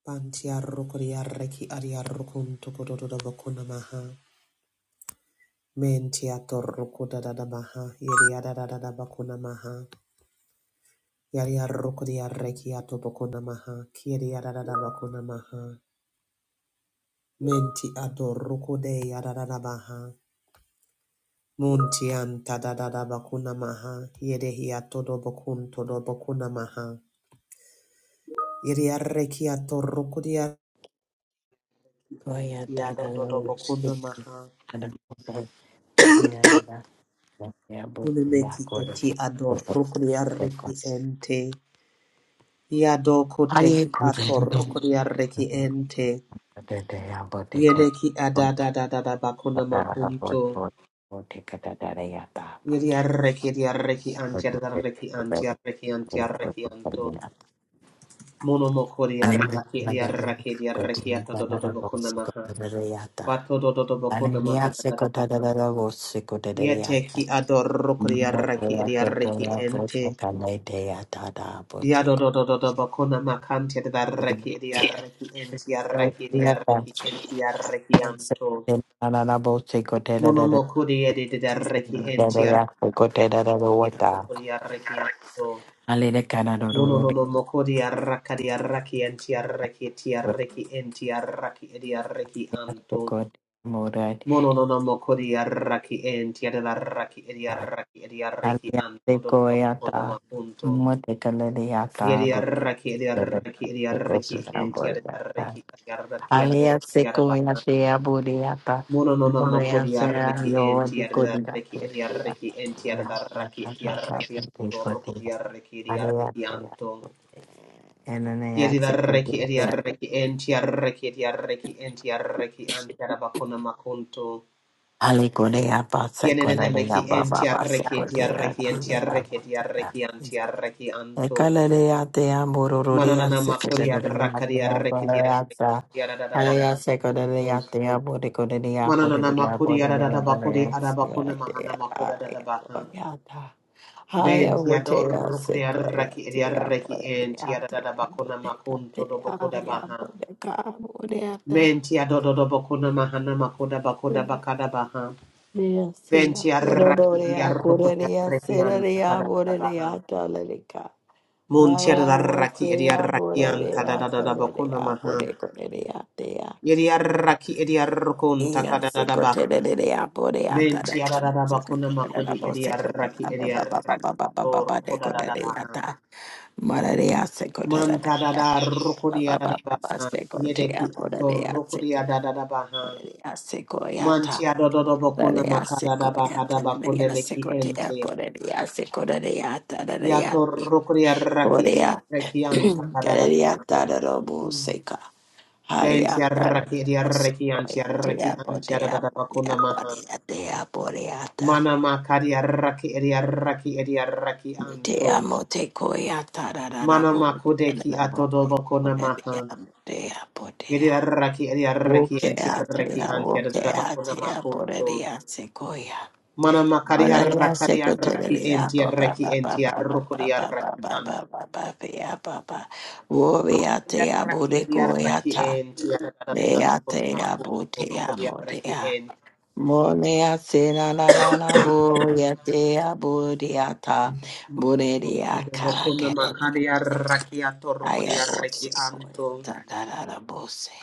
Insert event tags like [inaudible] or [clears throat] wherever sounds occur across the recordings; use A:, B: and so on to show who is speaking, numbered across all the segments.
A: Bantiarukuriareki Ariarukuntu Kudoda Bakuna Maha. Mentiatorukudada Maha. Yeriadada Bakuna Maha. Yariarukuriareki Atobakuna Maha. Kiriadada Bakuna Maha. Menti adorukude Yadada Maha. Muntianta Dada Bakuna Maha. Yedehiatodo Bakunto Bakuna Maha. Yeriareki Atorukudia.
B: Koya
A: Mentiadodo
B: tadalo usiku
A: Bakuna Maha.
B: adapoenda yabu
A: Kunimeki
B: yakoro
A: eti ador rukriarreki
B: kutokos.
A: ente. Iado
B: Aye
A: koteki ator
B: kutendo.
A: rukriarreki ente.
B: Tete yabo teko
A: Yedeki adadadadada bakuna
B: kutata
A: makunto.
B: kutoko teka tatara yata.
A: Yediarreki diarreki antiarreki antiarreki antiarreki anto. Monomokuriarreki diarreki diarreki atododo bakuna maha. Batododo bakuna maha dadadabaha.
B: Hallelujah.
A: Yeteki ador rukriarreki diarreki ente. Yado do do do do Yadododododobokona makantia da reki ediareki entiareki ediareki entiareki anto. mono Monomokudi edidareki entiareki
B: Hallelujah.
A: ediareki anto. mono no no mokodi raka di reki enti Mononomokudi enti arraki entiareki etiareki entiareki ediareki anto. mono no no mokodi reki enti Mononomokudi arraki entiadareki ediareki ediareki anto. do do Dodobokona makunto. Yediaraki, Yediaraki, Yediaraki, and Tiaraki, Yadiaraki,
B: Alea seco
A: Yaraba.
B: y asea buriata.
A: Mononono
B: Borea sea
A: Mokodiaraki, and
B: yo de codida.
A: Tiaraki, Yediaraki, and Tiaraki, Yediaraki, Torokodiaraki, Yediaraki,
B: Alea
A: Yediaraki,
B: sea.
A: Anton.
B: Enanea seco
A: Yediaraki,
B: de
A: Yediaraki, and Tiaraki, Yediaraki, and Tiaraki, and Tiarabakona Makunto.
B: Ale corea pasa con la
A: Yenenemeki, and
B: baba basa
A: Tiaraki,
B: corea.
A: Yediaraki, and Tiaraki, Yediaraki, and Tiaraki, Anton.
B: Ekalaleatea borororea
A: Mananana Makodia Rakadia
B: sekodaleatea boreata.
A: Rekidia
B: Alea sekodaleatea borekodea
A: Manana
B: borekodea
A: makuri
B: borekodea
A: arada bakuri arabakuna mahana
B: boreatea.
A: makuda da
B: Aya
A: baha.
B: koyata. Aya
A: Ben tia
B: botea
A: dorukri arraki
B: sekoyatea
A: arraki en
B: boreatea
A: tia da bakuna makunto do
B: botekatea.
A: bakoda
B: Aya
A: baha.
B: boteka boreata.
A: Men tia dodo do bakuna mahana makuda bakoda bakada baha.
B: Borea
A: Ben
B: sea
A: tia arraki
B: boreorea
A: arrukri
B: korea
A: arraki an
B: serea
A: tada da baha.
B: boreata laleka.
A: Mun tia
B: Haya
A: raki
B: wote
A: arraki
B: ya
A: arraki an
B: borerea
A: tada da bakuna
B: korerea
A: maha.
B: bore korerea tea.
A: Yeri arraki arrukun
B: Iya
A: takada
B: se
A: da baha.
B: kotererea borea tada
A: Menti arara
B: bose
A: bakuna
B: kotererea
A: makodi eri
B: bose
A: arraki
B: kotererea ba
A: eri
B: ba ba ba
A: arraki
B: ba ba ba ba
A: ato
B: ba
A: roko
B: de
A: da da da
B: korerea
A: baha.
B: ta. Mararea se
A: Manta da
B: kotererea
A: da roko
B: ba
A: di
B: ba
A: arada
B: ba ba ba
A: baha.
B: se kotea
A: Yedeki ato
B: borerea
A: roko
B: se
A: di arada da baha.
B: kotea se koya ta.
A: Manti adodo bakuna
B: Rarea se
A: makada da
B: koya
A: baha da
B: ta
A: bakune
B: rarea se
A: meki
B: kotea
A: ente.
B: borerea se korerea ta rarea
A: Yato
B: te.
A: roko di arraki eri
B: Borea
A: arraki anta kada da
B: korerea ta
A: baha.
B: robo seka. [clears throat]
A: Menti
B: Haria
A: arraki
B: Karata
A: eri arraki anti
B: Boya Dea
A: arraki anti arada
B: Bodea
A: da bakuna
B: Bodea
A: maha.
B: Bodea Dea Boreata
A: Mana makari arraki eri arraki eri arraki anto.
B: Dea Mote Koya Tarara
A: Mana
B: Bodea
A: makudeki
B: Bodea
A: atodobokona
B: Bodea
A: maha.
B: Bodea
A: Yedi
B: Bodea
A: arraki edi arraki enti
B: Wokea Tea
A: arraki anti
B: Wokea
A: adadabakona
B: Tea
A: makunto.
B: Borea Sequoia
A: Mana makari
B: Borea
A: arrakari arraki
B: Secoteria
A: enti
B: Baba
A: arraki
B: Baba
A: enti
B: Baba
A: arrukuri
B: Baba Baba
A: arraki anti.
B: Baba Baba Baba Woria
A: Yedi
B: Tea
A: arraki edi arraki
B: Bodecoyata
A: enti
B: Lea
A: adadabakona
B: Tea
A: makunto.
B: Botea
A: Rukuri arraki
B: Modea
A: enti.
B: Mole se na na na na bo ya te a bo di a ta bo de di a ka
A: Makuna
B: ke de di a
A: makari
B: te
A: arraki
B: a
A: atorukuri
B: ya bo
A: arraki
B: se ko ya
A: anto.
B: ta da da da bo se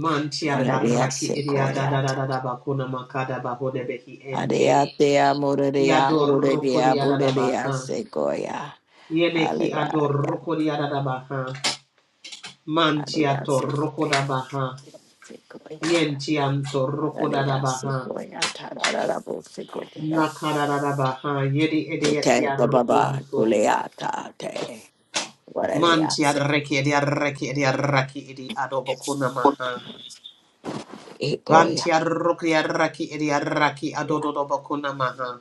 A: Manti
B: bo de di a
A: adarraki
B: se
A: edi
B: ko ya ta
A: adadabakona makada bahodebehi
B: a de
A: enti.
B: a te a mo de di a ho de di
A: Yadoroko
B: a bo de di a
A: diadadabaha.
B: se ko ya
A: Yeneki
B: hallelujah
A: adoroko diadadabaha.
B: hallelujah
A: Mantiato
B: se ko
A: roko
B: ya
A: dabaha.
B: se ko ya ta
A: Yentianto
B: bo de
A: roko
B: di a se
A: dadabaha.
B: ko ya ta da da da bo se ko ya
A: Nakadadabaha. Yedi
B: te
A: edietia
B: ba ba ba ko
A: rokunto.
B: le a ta te What are they
A: Mantia
B: at?
A: reki edia reki edia raki edi adobokuna maha.
B: Ikoya.
A: Bantia rokia raki edia raki adodobokuna maha.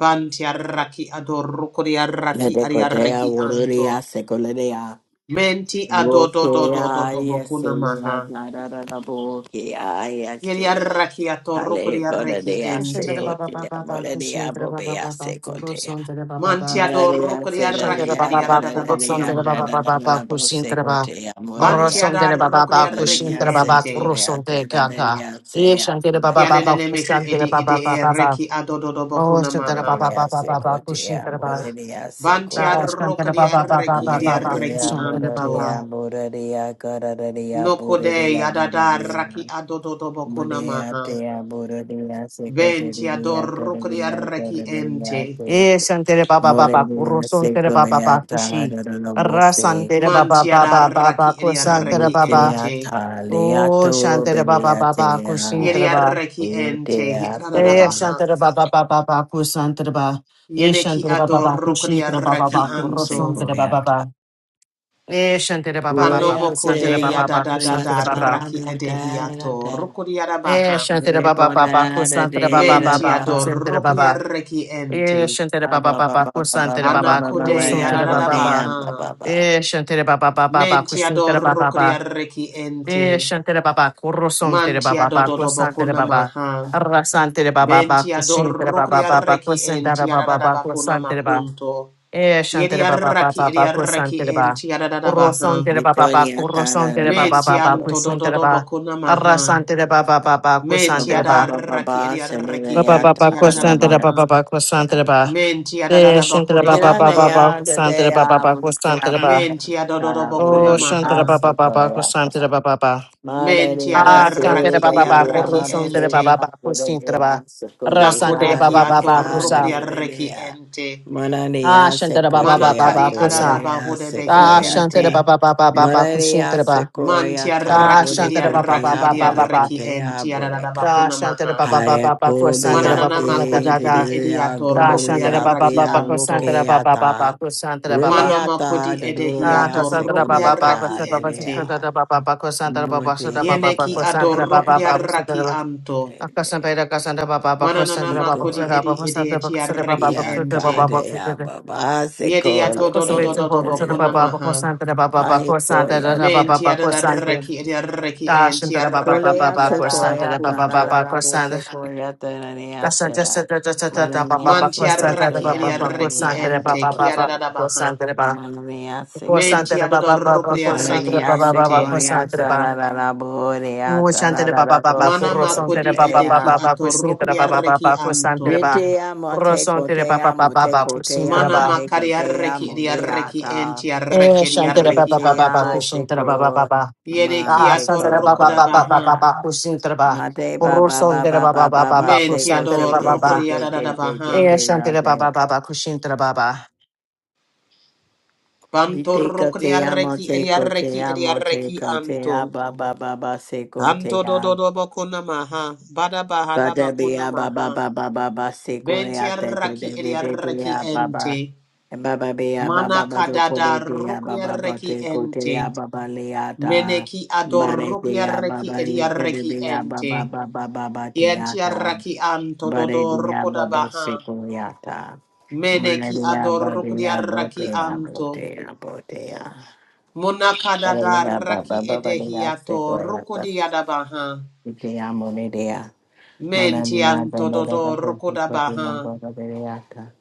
A: Bantia raki adoroko dia raki adia
B: Ledekotea,
A: reki anto.
B: Wodoria, Secoledea,
A: Menti adodo do do do
B: Rokea,
A: do
B: yes,
A: bokuna
B: Elena,
A: maha.
B: Nadarabukia,
A: Yeri
B: Yate,
A: arraki atorukuri
B: Ale,
A: arreki
B: Bodadea,
C: Shandara
A: ente.
C: Baba
B: Secotea,
C: Baba Baba
B: Moledea,
C: Shandara Baba
B: Bobea,
C: Baba Guru
B: Secotea,
C: Shandara Baba
A: Manti
C: Baba
B: Maradea,
A: adorukuri arraki
C: Shandara
B: Sedadea,
A: edi
C: Baba Baba
A: adada
C: Guru
A: bakuna
B: Dadadea,
C: Shandara
A: maha.
C: Baba Baba Baba
B: Dadadabo,
C: Shandara Baba
B: Secotea,
A: Banti
B: Moradea,
C: Guru Shandara Baba
A: adarukuri
C: Baba
A: arreki
B: Moradea,
C: Shandara Baba
A: ente.
C: Guru
B: Secotea,
C: Shandara Kaka
B: Dadadea,
C: Ye
B: Sea,
C: Shandara Baba
B: Moradea,
A: Kianene
C: Baba
A: mehi
C: Shandara
A: edi edi
C: Baba Baba Baba
A: erreki adodo do
C: Oh
A: bokuna
C: Shandara
A: maha.
C: Baba
B: Dadadea,
C: Baba Baba
B: Secotea,
C: Shandara Baba
B: Moradea,
A: Banti
C: Da
B: Secoia.
C: Shandara
A: arrukuri
C: Baba Baba
A: arreki
C: Baba
A: edi
B: Buddha
C: Baba
A: arreki
B: dea,
C: Shandara
B: Buddha
A: anto.
B: dea,
C: Baba
B: Buddha dea, Kara dea, Buddha
A: Nokode
B: dea, Buddha
A: adada raki
B: dea.
A: adodo do bokuna
B: Buddha
A: maha.
B: dea, Buddha dea, Seko
A: Venti
B: dea, Tara
A: adorukuri
B: dea,
A: arreki
B: Kara dea,
A: ente.
B: Te.
C: Ye Shandara Baba
B: Buddha
C: Baba Guru
B: dea,
C: Shandara
B: Seko
C: Baba
B: dea,
C: Baba
B: Tara
C: Kushi
B: dea, Bose.
C: Rasandara Baba
A: Mantiada
C: Baba Baba
A: raki edia
C: Shandara
A: reki
C: Baba
B: Lukea
A: ente.
B: ta
C: Oh,
B: leato,
C: Shantara Baba
B: Bedea
C: Baba
B: dea.
C: Kushintara
A: Yedia
C: Ba.
A: reki ente. Hi
B: Utea
C: Eh,
B: dea.
A: adadabaha.
C: Shantara Baba Baba Baba Kusantara Ba. Eh,
A: Yeneki
C: Shantara Baba Baba
A: adorokodia
C: Kushintara Baba
A: raki
C: Baba
B: Namo
A: anto.
B: Seko
C: Kurosantara Baba
B: dea,
C: Baba. Eh, Shantara Baba Baba
B: Roya
A: Anomoko
C: Kusantara
A: de
B: dea,
C: Baba Baba Kusantara
B: Maya
A: yadadadada
B: ta,
C: Baba.
A: raki
B: Da da
A: edehiato.
B: da.
A: Rokodia
C: Eh,
A: dabaha.
C: Shantara Baba Baba Kusantara Baba Baba
A: Mentiado
C: Kusantara
A: rokodia
C: Baba.
A: reki
C: Eh,
A: ente.
C: Shantara Baba Baba Kusantara Baba
A: Anakode
C: Kurosantara Baba Baba.
A: yadadadabaha.
C: Eh, Shantara Baba Baba Baba
A: Mentiado
C: Kushintara Baba Baba.
A: rokodia reki ente.
C: Eh, shantere baba, korosontere baba,
A: Mantiado
C: ba,
A: dodobokuna
C: baba,
A: maha.
C: rasantere baba, ba,
A: Benti
C: kushintere
A: adorrukri
C: baba, ba, ba,
A: arreki
C: kwasantara
A: enti
C: baba,
A: adadadabakuna makunto.
C: eh,
A: Yedi
C: shantere baba, ba,
A: arraki
C: ba,
A: edi
C: ba,
A: arreki enti adadadabaha.
C: korosontere baba, ba, korosontere baba,
A: Menti
C: ba, ba,
A: anto
B: Recording
A: dododobakuna maha.
C: rasantere baba, ba, ba,
A: Menti
C: kwasantere ba,
A: adarraki edi
C: ba,
A: arreki
C: ba, ba, ba,
A: enti
C: kwasantere ba,
A: adadadabaha. Menti
C: eh, shantere
A: adadadabakuna
C: baba, ba,
A: maha.
C: ba, ba, kwasantere ba, ba,
A: Menti adododobakuna
C: oh,
A: maha.
C: shantere baba, ba, ba, kwasantere ba,
A: Menti
B: Madhya
C: Ah, Shante
A: adarraki
C: de
B: Sura
A: edi
C: Baba Baba,
A: arreki
B: Dea
C: Kurusun
A: ente.
C: Baba Baba,
B: Buddha Buddha
C: Kusin de
B: Dea
C: Baba,
B: Sukule Nada
A: Nakudeki
C: Baba
B: Dea
A: atorrukri
C: Kusa,
B: Dea
A: arreki
B: Dea
A: ente.
C: Ah,
B: Mananiya
C: Shante de Baba Baba
B: Sekoya
A: Manakadi
C: Baba,
B: Buddha Dea
A: adadabahudebehi
C: Ah, Shante
A: ente.
C: de
B: Sekoyata
C: Baba Baba Baba, Kusin
B: Mananiya
C: de
A: Man
B: Sekoyata
C: Ah,
A: tiaraki
B: Buddha
C: Shante de Baba Baba
A: ediaraki
B: Koteya
C: Baba
B: Buddha
C: Baba,
A: ediaraki en
B: Koteya Buddha Ka
C: Ah,
A: tiaradabakuna
C: Shante de
A: maha.
C: Baba Baba Baba, Baba,
A: Mananana
C: Kusa da
B: Hayakobiyate
C: da
A: makodi edi
C: da,
B: Dea
A: ediato
C: Ah, Shante de Baba
A: rokriaraki
B: Doloriyate
C: Baba,
A: anto.
C: Kusan Baba
B: Rukeyata
C: Baba, Kusan Baba,
A: Mana
B: Ruliyata
A: kodi
C: Ah,
B: Dadoriya
A: edehiato
C: Shante Baba Baba,
A: rokriaraki
B: Sekodeka
C: Kusan Baba,
A: ente.
B: Dea
C: Baba, Kusan Baba, Kusan
B: Mude
C: Baba,
A: Yeneki
C: Kusan
A: ador
C: Baba,
B: babe
C: Kusan
A: rokriaraki
C: Baba,
A: anto.
C: Akasantaira kasanta baba
A: Mananana
C: bakosantara baba
A: makodi
B: Iko
C: kusara baba
A: edi
C: kusantara
A: ediatiaraki
C: baba
B: ya
C: kusara
A: ente.
C: baba bakosantara baba
B: kade ya
C: bakosantara
B: baba se
A: Yediato
B: kole
A: do do do
B: e
C: akasantaira
A: do do
C: baba kusara
B: little
A: bakuna
B: boy.
C: baba
A: maha.
C: bakosantara baba
B: Hai koya
C: bakosantara
A: Men
C: baba bakosantara
A: tiadaraki ediaraki en
C: dashantara baba
A: tiaraki
B: kole
C: baba
B: ya se
A: ediada
C: bakosantara
B: koya
C: baba
B: kana
C: baba
B: la
A: bakunto.
B: la bo se
C: bakosantara
B: koya tena ni ate
C: dasanta
B: ya
C: santa dasanta
B: marani
C: baba
B: ya se ko
C: bakosantara
B: te
A: Mantiaraki
B: ya
C: baba
B: marani
A: ediaraki
B: ya
C: bakosantara
B: se
A: ente
C: baba
B: ko te
C: baba
A: kiadadabaha.
C: bakosantara
B: kote
C: baba
B: marani ya se ko kote
C: bakosantara baba baba
B: marani
C: bakosantara
A: Mentiadodorukriaraki
B: ya
C: baba
B: se
C: baba
B: ko
A: ente.
B: ya ta
C: bakosantara
B: la la la bo re ya
C: Oh,
B: ta la
C: Shantara
B: la
C: Baba
B: la bo
C: Baba,
A: Mana
B: se
C: Puro
B: ko te
C: Santere
A: makodi
B: le
C: Baba Baba
A: edeki
B: ya.
C: Baba, Kusintara Baba
A: atorukriaraki
C: Baba, Kusantere
A: anto.
C: Baba,
B: Rete amo
C: Puro
B: te
C: Santere
B: kote
C: Baba
B: amo
C: Baba
B: te
C: Baba,
B: kote
C: Kusintara
A: Mana
B: amo
C: Baba,
B: te kote
A: makariaraki
B: amo te
A: ediaraki
B: ata.
A: entiaraki
C: Eh, Shantara Baba
A: ediaraki
C: Baba
B: Rete
C: Baba,
B: a
A: anto.
C: Kusintara Baba
B: seko
C: Baba,
B: ma
A: Yedeki
C: Ah,
B: te
C: Shantara
B: ko
C: Baba Baba
B: bote
C: Baba
A: atorukudabaha.
B: ya.
C: Baba, Kusintara Baba,
B: Ma te ba
C: Puro
B: ba ba
C: Santere
B: ba ba
C: Baba Baba
B: ba ba
C: Baba,
B: seko
C: Kusantere
B: te te
C: Baba
B: te
C: Baba,
B: te te te te
A: Mentiadorukriadadabaha.
C: Eh,
B: te na
C: Shantara
B: te.
C: Baba Baba, Kusintara Baba,
B: Rete kote amo
A: Bantorukriaraki
B: te kote
A: ediaraki
B: amo te
A: ediaraki
B: kote a
A: anto.
B: ba ba ba ba seko te
A: Anto
B: ya.
A: dododo bakuna maha. Bada
B: Ba
A: bahada
B: te be
A: bakuna
B: a ba ba
A: maha.
B: ba ba ba ba seko
A: Benti
B: ya te te te
A: arraki eri
B: te te te
A: arraki
B: a ba ba.
A: ente.
B: Baba Bea
A: Mana
B: Baba Bato
A: kadada
B: Kore Dea
A: rukri
B: Baba
A: arraki
B: Bate
A: ente.
B: Kotea Baba Leata
A: Meneki ador
B: Bare
A: rukri
B: Dea Baba
A: arraki eri arraki
B: Likadea
A: ente.
B: Baba Baba Baba
A: Kienti
B: Teata
A: arraki anto
B: Bare
A: dodo
B: Dea
A: rukoda
B: Baba
A: baha.
B: Sekoyata Maria
A: Meneki ador rukri
B: Badea
A: arraki
B: Botea
A: anto.
B: Botea Botea
A: mona kadada
B: Barea
A: raki
B: Baba Baba Dea
A: edehiato
B: Sekoyata
A: rukodi adabaha.
B: Itea Monedea
A: Menti
B: Manania
A: anto
B: Baba Baba
A: dodo
B: Botea
A: rukoda baha.
B: Baba Deata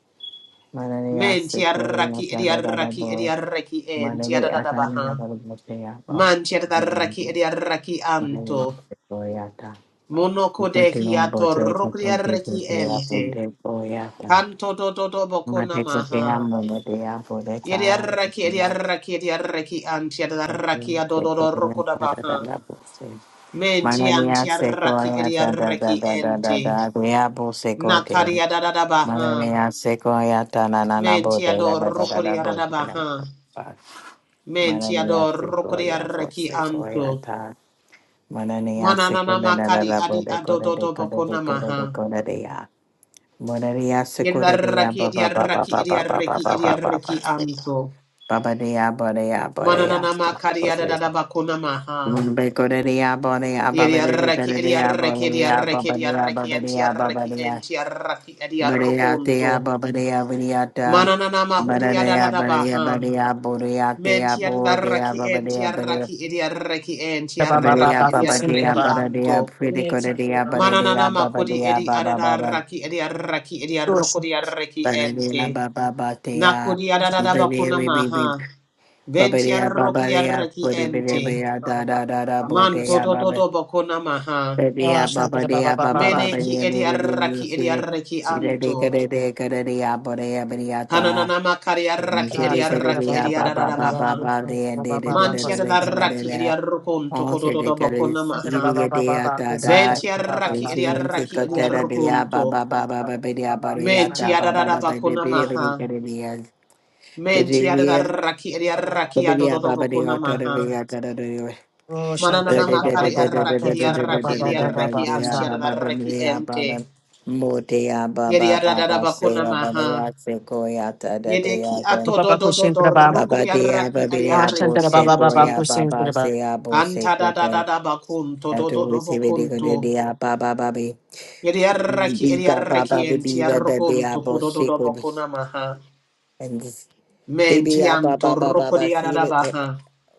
B: Manania
A: Menti arraki eri
B: Sekoyata
A: arraki
B: Baba
A: eri arraki ente
B: Manebe atarira
A: adadabaha.
B: barumotea ba.
A: Mantiadaraki
B: Manebe
A: ediaraki anto.
B: koyata.
A: Monoko de
B: Ikote
A: hiato
B: ombote kote tete
A: rukriaraki
B: tea
A: ente.
B: kote koyata.
A: Kanto do do do
B: Mate
A: bokona
B: kote
A: maha.
B: amo mate apo deka.
A: Yediaraki ediaraki ediaraki antiadaraki adododo
B: Sekoya
A: rokoda
B: da da
A: baha.
B: da bose.
A: Menti
B: Manania
A: antiaraki
B: sekoya da da da
A: ediaraki
B: da da da
A: ente.
B: da. Dea bose kote.
A: Nakaria da da da baha.
B: Manania sekoya ta na na na
A: Menti
B: bote da
A: ador
B: da da da da
A: rokoria da da
B: bose.
A: baha. Menti
B: Manania
A: ador rokoria
B: sekoya
A: raki
B: bose
A: anto.
B: koyata. Mananiya
A: Mananana
B: sekunda na na
A: makadi
B: na
A: adi
B: bo de ko de de
A: adododo
B: ko de de
A: bokona
B: ko de de
A: maha.
B: ko de ya. Mananiya sekunda de ya
A: Yedaraki
B: ba ba ba ba
A: ediaraki
B: ba ba ba ba
A: ediaraki
B: ba ba ba ba.
A: ediaraki anto.
B: Ba ba de ya ba de ya ba de ya.
A: Mananana makari adadada bakuna maha.
B: Mun be ko de de ya ba de ya ba ba de de ko
A: Yediaraki
B: de de ya ba
A: ediaraki
B: de ya ba
A: ediaraki
B: ba de ya ba
A: ediaraki
B: ba de ya ba ba
A: entiaraki
B: de ya.
A: entiaraki
B: Ba de ya te
A: ediarokunto.
B: ya ba ba de ya ba de ya ta.
A: Mananana
B: Ba de
A: mahudi
B: ya
A: adadada
B: ba de ya ba
A: baha.
B: de ya bo de ya te ya bo de ya
A: Mentiaraki
B: ba ba de ya ba de ya.
A: entiaraki ediaraki
C: Baba Baba
A: entiaraki
B: Abelia
C: Baba,
B: baba
C: Kusintara
B: dia
A: ediaraki
C: Baba,
B: baba dia
A: anto.
B: pretty
C: Eh,
B: good
C: Shantara
B: dia
C: Baba
B: baba dia
A: Mananana
B: baba
C: Baba,
A: makudi
B: dia
A: edi
B: baba baba
A: adadaraki ediaraki
C: Kush.
A: ediarokodiaraki
B: baba dia
A: ente.
B: baba baba dia Iberia we be
A: Nakuriararabakunamaha.
B: be baba dia baba dia
A: Ventiarokriaraki
B: pretty baby baby
A: ente.
B: da da da da bo
A: Manto
B: dia baba
A: dododo bakunamaha.
B: baby
C: Ah,
B: baba
C: Shantara
B: dia
C: Baba
B: baba
C: Baba
B: baba
C: Baba.
B: dia
A: Meneki
B: me me me
A: ediaraki
B: city
C: Ah,
A: ediaraki
B: Ida de
A: anto.
B: kada de kada dia baba dia baba ta
A: Kananama kariaraki
B: City
C: Santa
B: kada
C: da
A: ediaraki
C: ba ba
B: dia
C: ba ba
B: baba
C: ba
B: baba
C: ba,
A: ediararabaha.
B: baba
C: Santa da
B: dia de
C: ba
B: de
C: ba
B: de
C: ba
B: de
C: ba,
B: de
C: Santa da
B: de
C: ba ba,
A: Mantiararaki
B: de
A: ediarokunto
B: Once
A: kododo
B: they got his
C: Santa da ba
A: bakunamaha.
C: ba
B: idiot
C: ba
B: day
C: ba ba,
B: after
C: Santa da
B: that.
C: ba ba ba
B: And
A: Ventiaraki
C: ba,
B: seeing
C: Santa da
B: to
A: ediaraki
B: go to
C: ba
B: the day, ba
A: ediarokunto.
B: ba ba ba ba.
C: ba
B: Ba dia
C: ba
B: ba
C: ba,
B: dia
C: Santa
B: ta
C: da
B: ba
C: ba
B: ba ba. ba ba ba dia ba dia ba.
A: Mentiararabakunamaha.
B: dia
A: Mentiararaki
C: ba ba
B: ba
A: ediaraki
B: dia ba dia
A: adodo
B: ba. ba dia
C: ba,
B: ta da
A: bakunamaha.
B: dia ta
C: Oh, Santa da
A: Mananana
C: ba
B: da da
C: ba ba
B: dia
A: makari
B: da
C: ba
B: da da
C: ba,
A: arraki
B: da
C: oh,
A: di
B: da
C: Santa da
B: da
C: ba
A: arraki
B: da
C: ba
A: di
B: da da da da
C: ba
B: da da
C: ba
B: da
C: ba,
A: arraki
C: oh, Santa
B: dia
A: anti
B: ba. to ba
A: arraki
B: dia
A: ente.
B: ba Abba,
A: Yedi
B: Baba, Baba, ba ba ba. Baba, Bedia, Bedia, Bedia, Bedia, Baba, the Otter, the Riata, ba ba Motea Baba
A: arada
B: Baba
A: bakuna
B: Seva
A: maha.
B: Baba Sequoyata
A: Yede ki
C: da
B: the
A: ato
C: ba
A: do
C: ba ba ba, oh,
A: do do
C: Santa
A: do
C: da ba
B: ba
A: ruk
B: ba.
A: di
B: Dea
A: arraki di
B: Baba
A: arraki
C: ba ba
A: ente.
C: ba,
B: Sequoia
C: oh, Santa
B: Baba
C: da ba.
A: Anta da da
B: Sea
A: da da bakunto
B: And
A: do
B: to
A: do do
B: receive it, they go
A: bakunto.
B: to the ah, ba ba ba be.
A: Yedi
B: Be
A: arraki
B: be,
A: di
B: ba ba ba
A: arraki
B: be be
A: enti
B: ba ba be ah,
A: arrokunto
B: bo
A: kodo do
B: sick
A: do
B: with this.
A: bakuna maha.
B: And this baby
A: Menti
B: ah, ba
A: anto
B: ba ba
A: ruk
B: ba ba
A: di
B: see
A: arada
B: it. eh,
A: baha.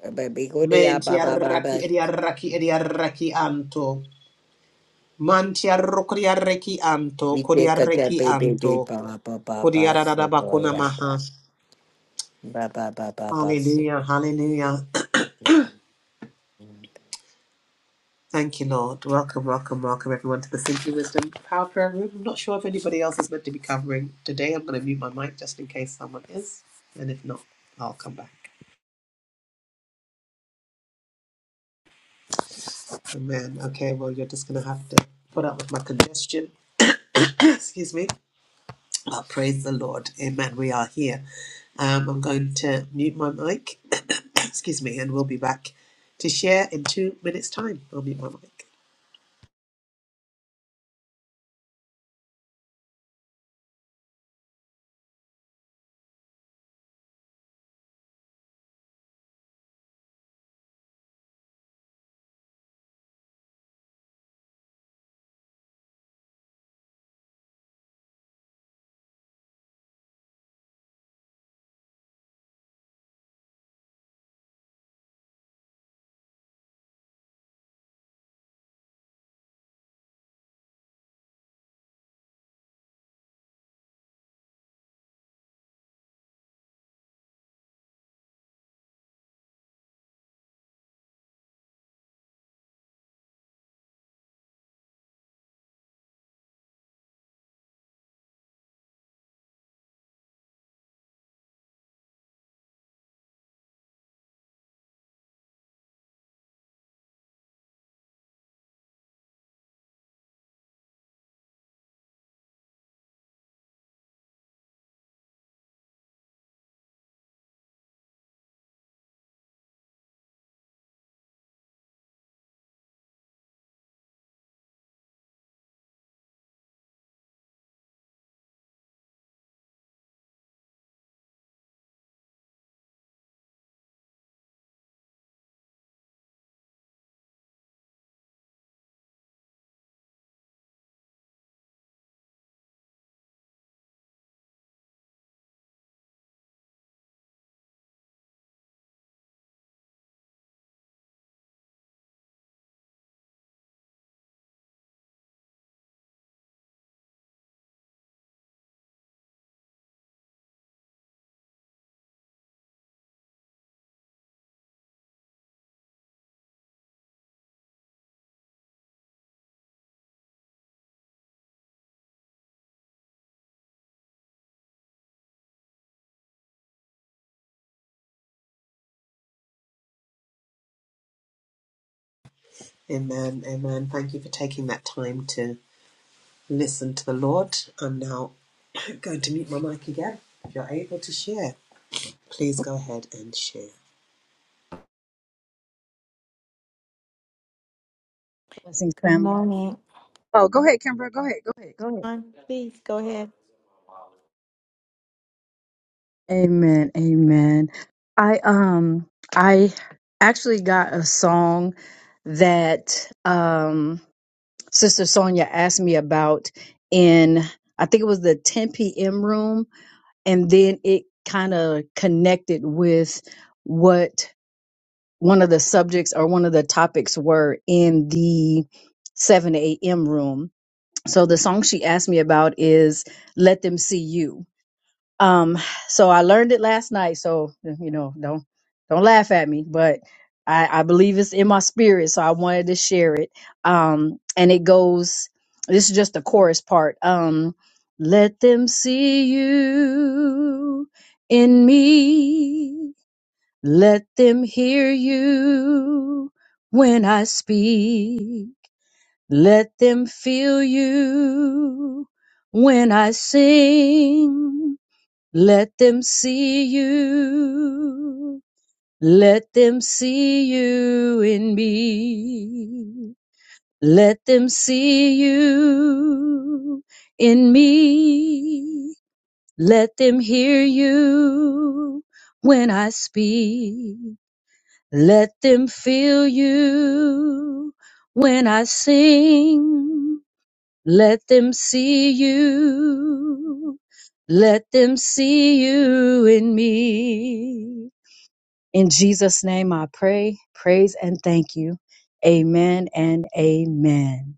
B: eh, Baby go to ah,
A: Menti
B: ba ba ba
A: arraki
B: ba.
A: di arraki di arraki anto. Mantiarro coriarreki anto,
B: We take a tap
A: coriarreki
B: baby baby
A: anto,
B: ba ba ba ba sick with
A: coriarabacuna
B: it, ah,
A: maha.
B: ba ba ba ba ba sick
A: Hallelujah,
B: with it.
A: hallelujah.
B: Okay, mom.
A: Thank you, Lord. Welcome, welcome, welcome everyone to the Simply Wisdom Power Prayer Room. I'm not sure if anybody else is meant to be covering today. I'm going to mute my mic just in case someone is. And if not, I'll come back. Amen. Okay, well, you're just going to have to put up with my congestion. [coughs] Excuse me. Oh, praise the Lord. Amen. We are here. Um, I'm going to mute my mic. [coughs] Excuse me. And we'll be back to share in two minutes' time. I'll mute my mic. Amen. Amen. Thank you for taking that time to listen to the Lord. I'm now [coughs] going to mute my mic again. If you're able to share, please go ahead and share.
D: Blessings,
B: Good
D: family.
B: morning.
D: Oh, go ahead, Kimber. Go ahead. Go ahead. Go ahead.
B: Please go ahead.
D: Amen. Amen. I um I actually got a song that um Sister Sonia asked me about in I think it was the 10 p.m. room, and then it kind of connected with what one of the subjects or one of the topics were in the 7 a.m. room. So the song she asked me about is "Let Them See You." Um, so I learned it last night. So you know, don't don't laugh at me, but I, I believe it's in my spirit. So I wanted to share it. Um, and it goes. This is just the chorus part. Um, let them see you in me. Let them hear you when I speak. Let them feel you when I sing. Let them see you. Let them see you in me. Let them see you in me. Let them hear you when I speak. Let them feel you when I sing. Let them see you. Let them see you in me. In Jesus' name I pray, praise, and thank you. Amen and amen.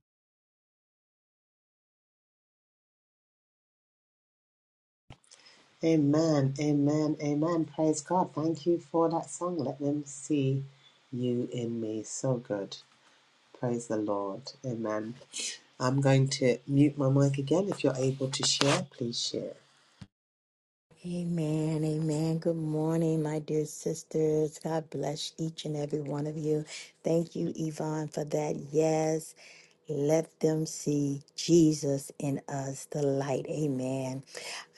A: Amen. Amen. Amen. Praise God. Thank you for that song. Let them see you in me. So good. Praise the Lord. Amen. I'm going to mute my mic again. If you're able to share, please share.
B: Amen, amen. Good morning, my dear sisters. God bless each and every one of you. Thank you, Yvonne, for that. Yes, let them see Jesus in us, the light. Amen.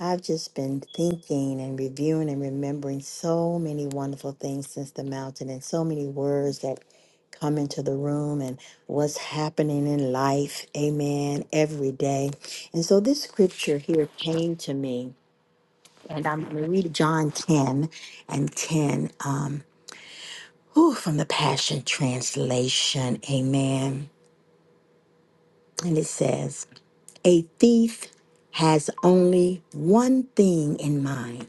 B: I've just been thinking and reviewing and remembering so many wonderful things since the mountain and so many words that come into the room and what's happening in life. Amen. Every day. And so this scripture here came to me. And I'm going to read John 10 and 10 um, whew, from the Passion Translation. Amen. And it says, A thief has only one thing in mind.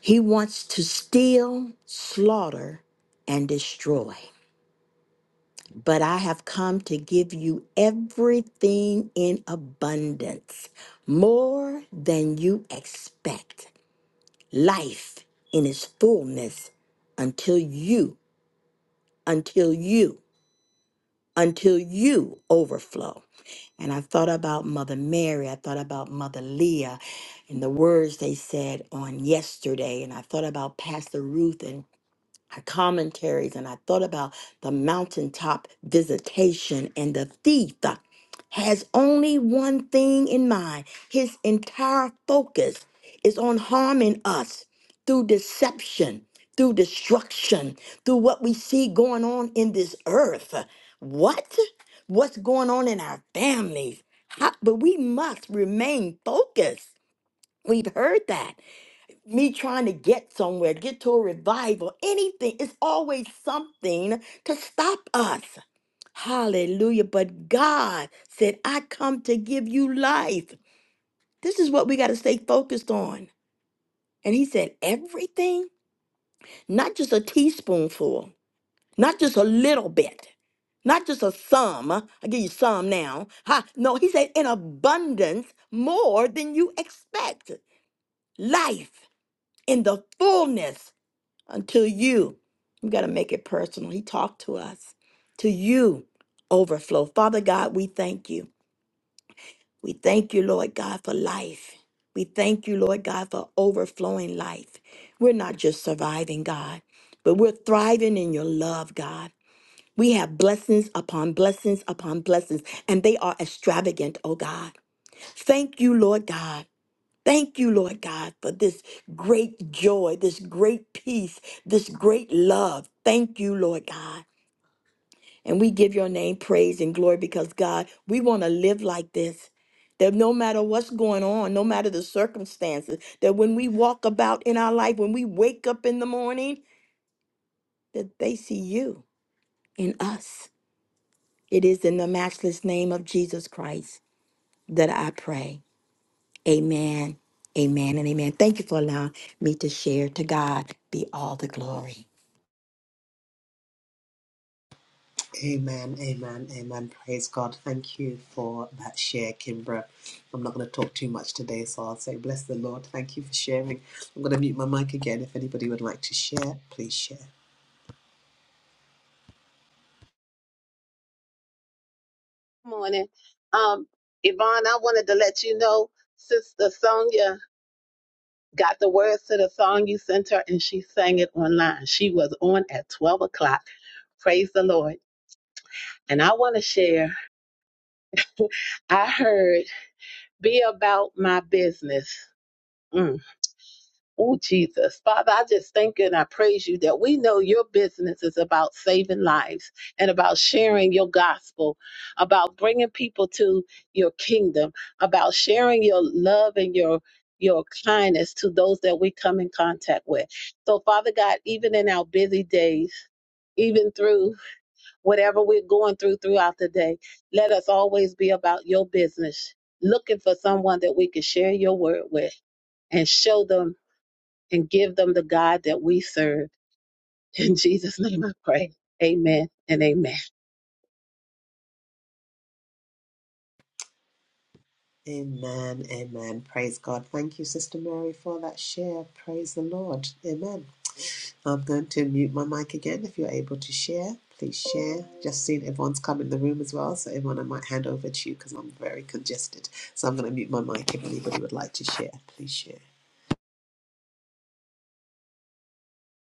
B: He wants to steal, slaughter, and destroy. But I have come to give you everything in abundance, more than you expect. Life in its fullness, unto, unto, unto. you over. And I thought about Mother Mary. I thought about Mother Leah and the words they said on yesterday. And I thought about Pastor Ruth and. I commentaries and I thought about the mountaintop visitation and the thief has only one thing in mind. His entire focus is on harming us through deception, through destruction, through what we see going on in this earth. What? What's going on in our families? How, but we must remain focused. We've heard that me trying to get somewhere, get to a revival, anything. It's always something to stop us. Hallelujah. But God said, I come to give you life. This is what we got to stay focused on. And He said, everything, not just a teaspoonful, not just a little bit, not just a sum. I give you some now. Ha, no, He said, in abundance, more than you expect. Life in the fullness until you, we got to make it personal. He talked to us, to you overflow. Father God, we thank you. We thank you, Lord God, for life. We thank you, Lord God, for overflowing life. We're not just surviving, God, but we're thriving in your love, God. We have blessings upon blessings upon blessings, and they are extravagant, oh God. Thank you, Lord God. Thank you, Lord God, for this great joy, this great peace, this great love. Thank you, Lord God. And we give your name praise and glory because, God, we want to live like this. That no matter what's going on, no matter the circumstances, that when we walk about in our life, when we wake up in the morning, that they see you in us. It is in the matchless name of Jesus Christ that I pray. Amen. Amen and amen. Thank you for allowing me to share. To God be all the glory.
A: Amen, amen, amen. Praise God. Thank you for that share, Kimbra. I'm not going to talk too much today, so I'll say, Bless the Lord. Thank you for sharing. I'm going to mute my mic again. If anybody would like to share, please share.
E: morning. Um, Yvonne, I wanted to let you know Sister Sonia got the words to the song you sent her and she sang it online. She was on at 12 o'clock. Praise the Lord. And I want to share, [laughs] I heard, be about my business. Mm. Oh, Jesus. Father, I just thank you and I praise you that we know your business is about saving lives and about sharing your gospel, about bringing people to your kingdom, about sharing your love and your your kindness to those that we come in contact with. So, Father God, even in our busy days, even through whatever we're going through throughout the day, let us always be about your business, looking for someone that we can share your word with and show them and give them the God that we serve. [laughs] In Jesus' name I pray. Amen and amen.
A: Amen, amen. Praise God. Thank you, Sister Mary, for that share. Praise the Lord. Amen. I'm going to mute my mic again. If you're able to share, please share. Just seen everyone's come in the room as well, so everyone I might hand over to you because I'm very congested. So I'm going to mute my mic. If anybody would like to share, please share.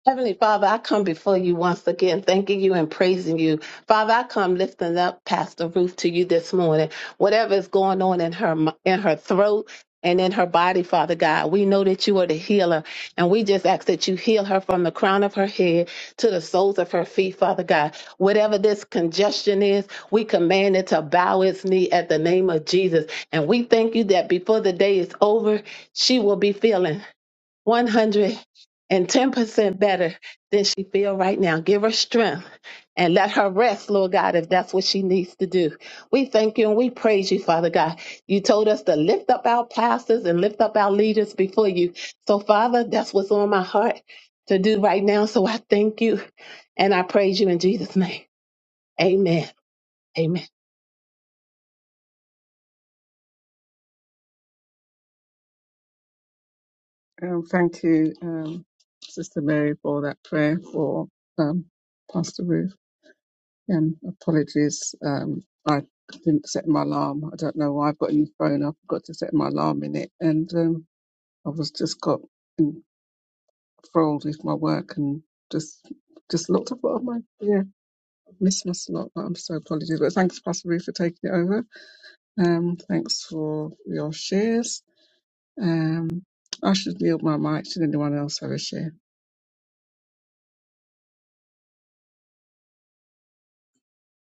E: Heavenly Father, I come before you once again, thanking you and praising you. Father, I come lifting up Pastor Ruth to you this morning. Whatever is going on in her mi- in her throat and in her body, Father God, we know that you are the healer, and we just ask that you heal her from the crown of her head to the soles of her feet, Father God. Whatever this congestion is, we command it to bow its knee at the name of Jesus, and we thank you that before the day is over, she will be feeling. 110% better than she feel right now. Give her strength and let her rest, Lord God, if that's what she needs to do. We thank you and we praise you, Father God. You told us to lift up our pastors and lift up our leaders before you. So, Father, that's what's on my heart to do right now. So I thank you and I praise you in Jesus' name. Amen. Amen.
F: Um, thank you, um, Sister Mary, for that prayer for um, Pastor Ruth. And apologies, um, I didn't set my alarm. I don't know why I've got a new phone. I forgot to set my alarm in it, and um, I was just got enthralled with my work and just just looked up at my yeah missed my slot. But I'm so apologies. But thanks, Pastor Ruth, for taking it over. Um, thanks for your shares. Um, I should yield my mic. Should anyone else have a share?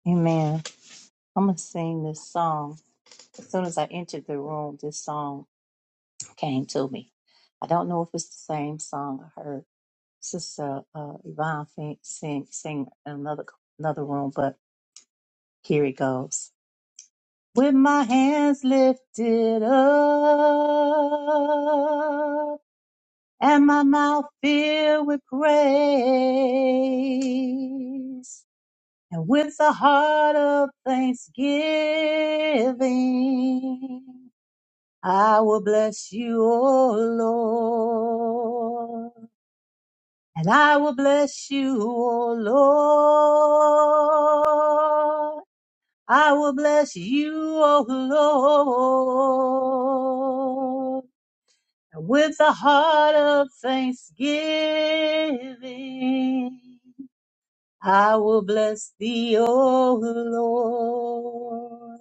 G: Amen. I'm going to sing this song. As soon as I entered the room, this song came to me. I don't know if it's the same song I heard Sister uh, Yvonne fin- sing, sing in another, another room, but here it goes. With my hands lifted up and my mouth filled with praise. and with a heart of thanksgiving, I will bless you, O Lord, and I will bless you, O Lord. I will bless you, O Lord, and with a heart of thanksgiving. I will bless thee, O Lord.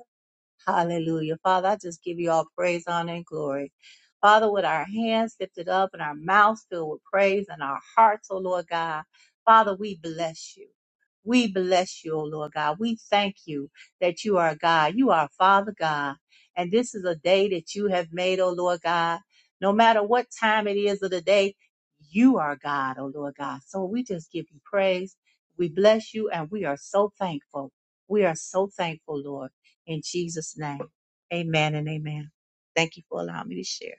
G: Hallelujah. Father, I just give you all praise, honor, and glory. Father, with our hands lifted up and our mouths filled with praise and our hearts, oh Lord God, Father, we bless you. We bless you, O Lord God. We thank you that you are God. You are Father God. And this is a day that you have made, O Lord God. No matter what time it is of the day, you are God, O Lord God. So we just give you praise. We bless you and we are so thankful. We are so thankful, Lord. In Jesus' name, amen and amen. Thank you for allowing me to share.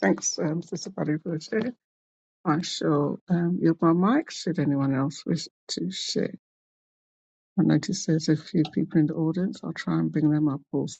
F: Thanks, um, Sister Patty, for the share. I shall um, yield my mic should anyone else wish to share. I notice there's a few people in the audience. I'll try and bring them up also.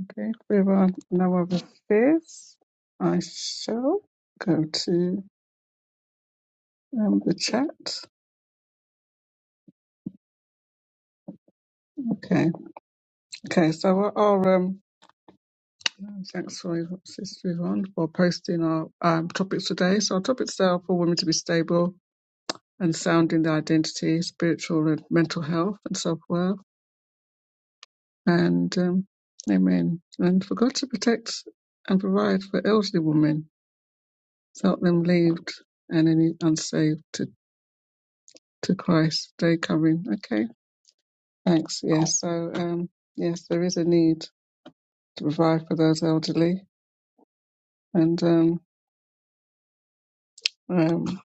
F: Okay, if there are no other fears, I shall go to um, the chat. Okay, okay, so I'll, I'll, um, thanks for Sister Yvonne for posting our um, topics today. So, our topics there are for women to be stable and sound in their identity, spiritual and mental health, and self worth and um, amen, and for God to protect and provide for elderly women to help them lead and any unsaved to, to Christ. Day coming, okay, thanks. Yeah, so um, yes, there is a need to provide for those elderly, and um, um,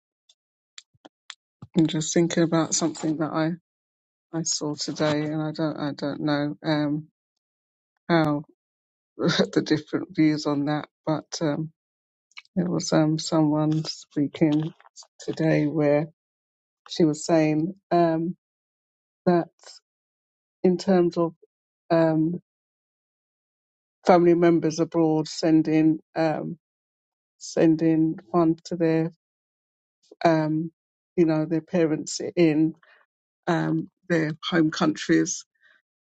F: I'm just thinking about something that I I saw today, and I don't I don't know um how [laughs] the different views on that, but um, it was um someone speaking today where. she was saying um, that in terms of um, family members abroad sending um, sending funds to their um, you know their parents in um, their home countries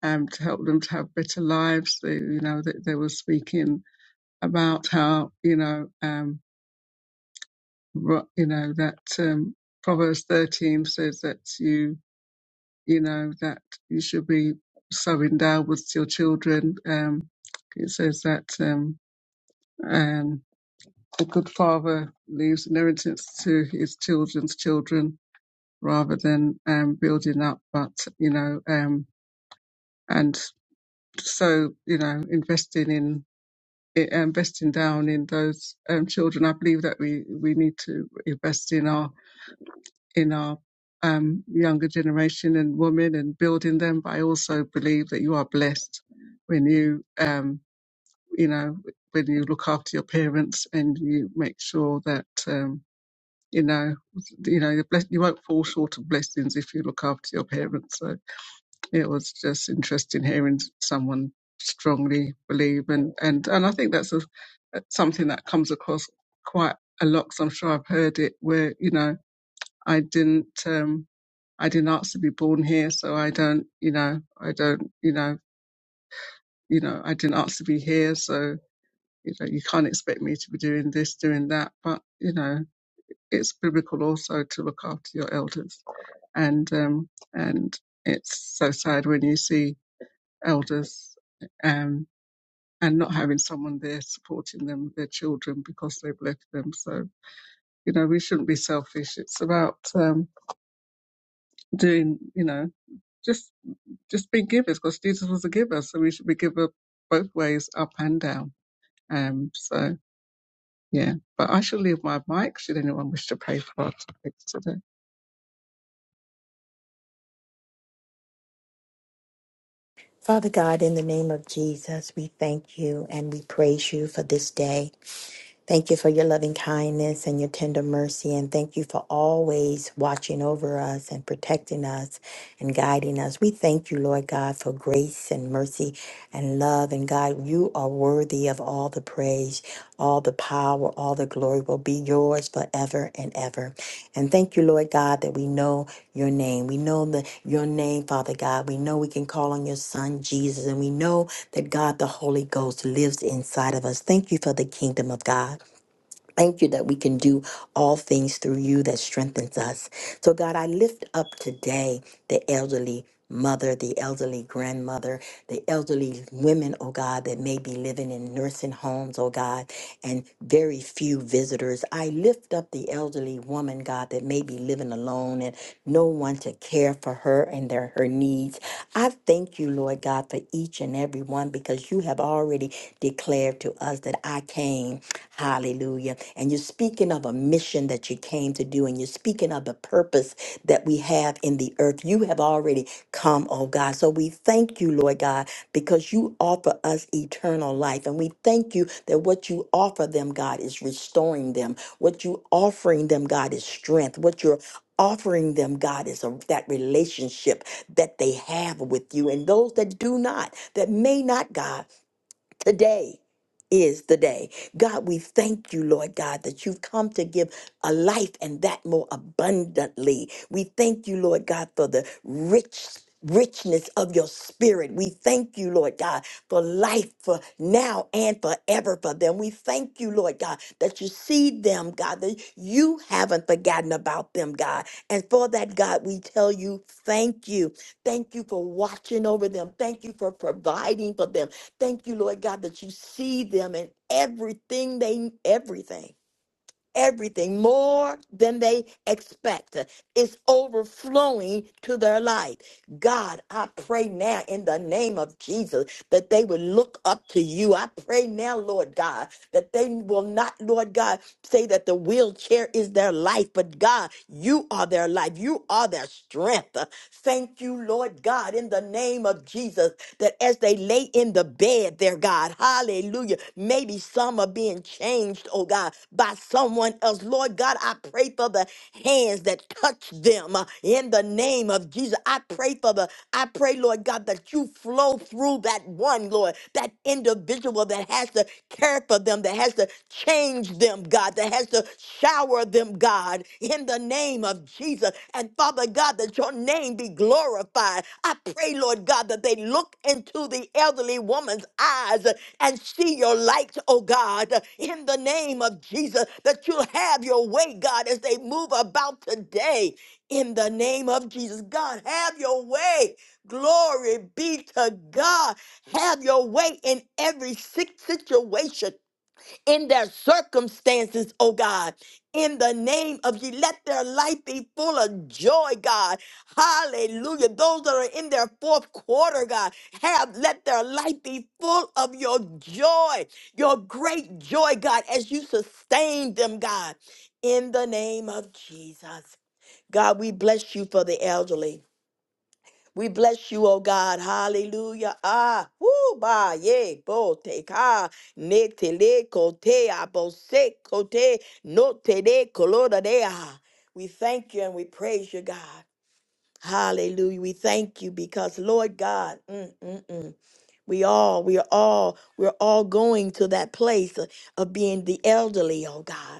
F: um, to help them to have better lives. They, you know they, they were speaking about how you know um, ro- you know that um, Proverbs thirteen says that you you know, that you should be sowing downwards to your children. Um, it says that um, um, the good father leaves inheritance to his children's children rather than um, building up, but, you know, um, and so, you know, investing in i- investing down in those um, children. I believe that we, we need to invest in our in our um, younger generation and women and building them. But I also believe that you are blessed when you, um, you know, when you look after your parents and you make sure that, um, you know, you know, you're blessed, you won't fall short of blessings if you look after your parents. So it was just interesting hearing someone strongly believe and and and I think that's a, uh, something that comes across quite a lot. So I'm sure I've heard it where you know I didn't. Um, I didn't ask to be born here, so I don't, you know, I don't, you know, you know, I didn't ask to be here, so you know, you can't expect me to be doing this, doing that. But you know, it's biblical also to look after your elders, and um, and it's so sad when you see elders um and not having someone there supporting them, their children, because they've left them. So you know, we shouldn't be selfish. It's about um, doing, you know. Just just be givers because Jesus was a giver, so we should be giver both ways, up and down. Um, so yeah, but I shall leave my mic should anyone wish to pray for our topics today.
B: Father God, in the name of Jesus, we thank you and we praise you for this day. Thank you for your loving kindness and your tender mercy. And thank you for always watching over us and protecting us and guiding us. We thank you, Lord God, for grace and mercy and love. And God, you are worthy of all the praise, all the power, all the glory will be yours forever and ever. And thank you, Lord God, that we know your name. We know the, your name, Father God. We know we can call on your Son, Jesus, and we know that God, the Holy Ghost, lives inside of us. Thank you for the kingdom of God. Thank you that we can do all things through you that strengthens us. So, God, I lift up today the elderly mother, the elderly grandmother, the elderly women, oh God, that may be living in nursing homes, oh God, and very few visitors. I lift up the elderly woman, God, that may be living alone and no one to care for her and their her needs. I thank you, Lord God, for each and every one because you have already declared to us that I came. Hallelujah. And you're speaking of a mission that you came to do, and you're speaking of the purpose that we have in the earth. You have already come, oh God. So we thank you, Lord God, because you offer us eternal life. And we thank you that what you offer them, God, is restoring them. What you offering them, God, is strength. What you're offering them, God, is a, that relationship that they have with you and those that do not, that may not, God. Today is the day. God, we thank you, Lord God, that you've come to give a life and that more abundantly. We thank you, Lord God, for the rich richness of your spirit. We thank you, Lord God, for life for now and forever for them. We thank you, Lord God, that you see them, God, that you haven't forgotten about them, God. And for that, God, we tell you, thank you. Thank you for watching over them. Thank you for providing for them. Thank you, Lord God, that you see them in everything they everything, everything more than they expect. is overflowing to their life. God, I pray now in the name of Jesus that they will look up to you. I pray now, Lord God, that they will not, Lord God, say that the wheelchair is their life, but God, you are their life. You are their strength. Thank you, Lord God, in the name of Jesus, that as they lay in the bed there, God, hallelujah, maybe some are being changed, oh God, by someone else. Lord God, I pray for the hands that touch them uh, in the name of Jesus. I pray for the, I pray, Lord God, that you you flow through that one, Lord, that individual that has to care for them, that has to change them, God, that has to shower them, God, in the name of Jesus. And Father God, that your name be glorified. I pray, Lord God, that they look into the elderly woman's eyes and see your light, oh God, in the name of Jesus, that you'll have your way, God, as they move about today. In the name of Jesus, God, have your way. Glory be to God. Have your way in every si- situation, in their circumstances, oh God. In the name of you, let their life be full of joy, God. Hallelujah. Those that are in their fourth quarter, God, have let their life be full of your joy, your great joy, God, as you sustain them, God. In the name of Jesus. God, we bless you for the elderly. We bless you, oh God. Hallelujah. Ah, woo, ba, ye, bo, te, ka, ne, te, le, ko, te, a, bo, se, ko, te, no, te, de, color, de, ah. We thank you and we praise you, God. Hallelujah. We thank you because, Lord God, mm, mm, mm. We all, we are all, we're all going to that place of, of being the elderly, oh God.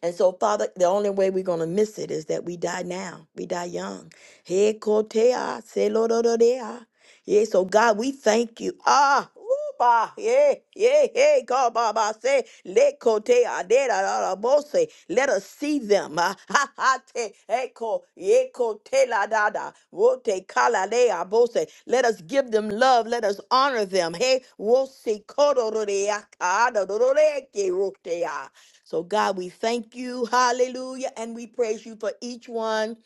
B: And so, Father, the only way we're going to miss it is that we die now. We die young. He kotea, se lo do do dea. Yeah, so God, we thank you. Ah, ooh, bah, yeah, yeah, yeah. God, bah, bah, say, let kote, ah, de, da, da, da, bo, say, let us see them. [laughs] Ah, ha, ha, te, echo, ye, kote, la, da, da, wo, te, kala, le, ah, bo, say, let us give them love. Let us honor them. Hey, wo, se, kodo, do, de, ah, ka, da, do, do, de, ke, ro, te, ah. So, God, we thank you. Hallelujah. And we praise you for each one.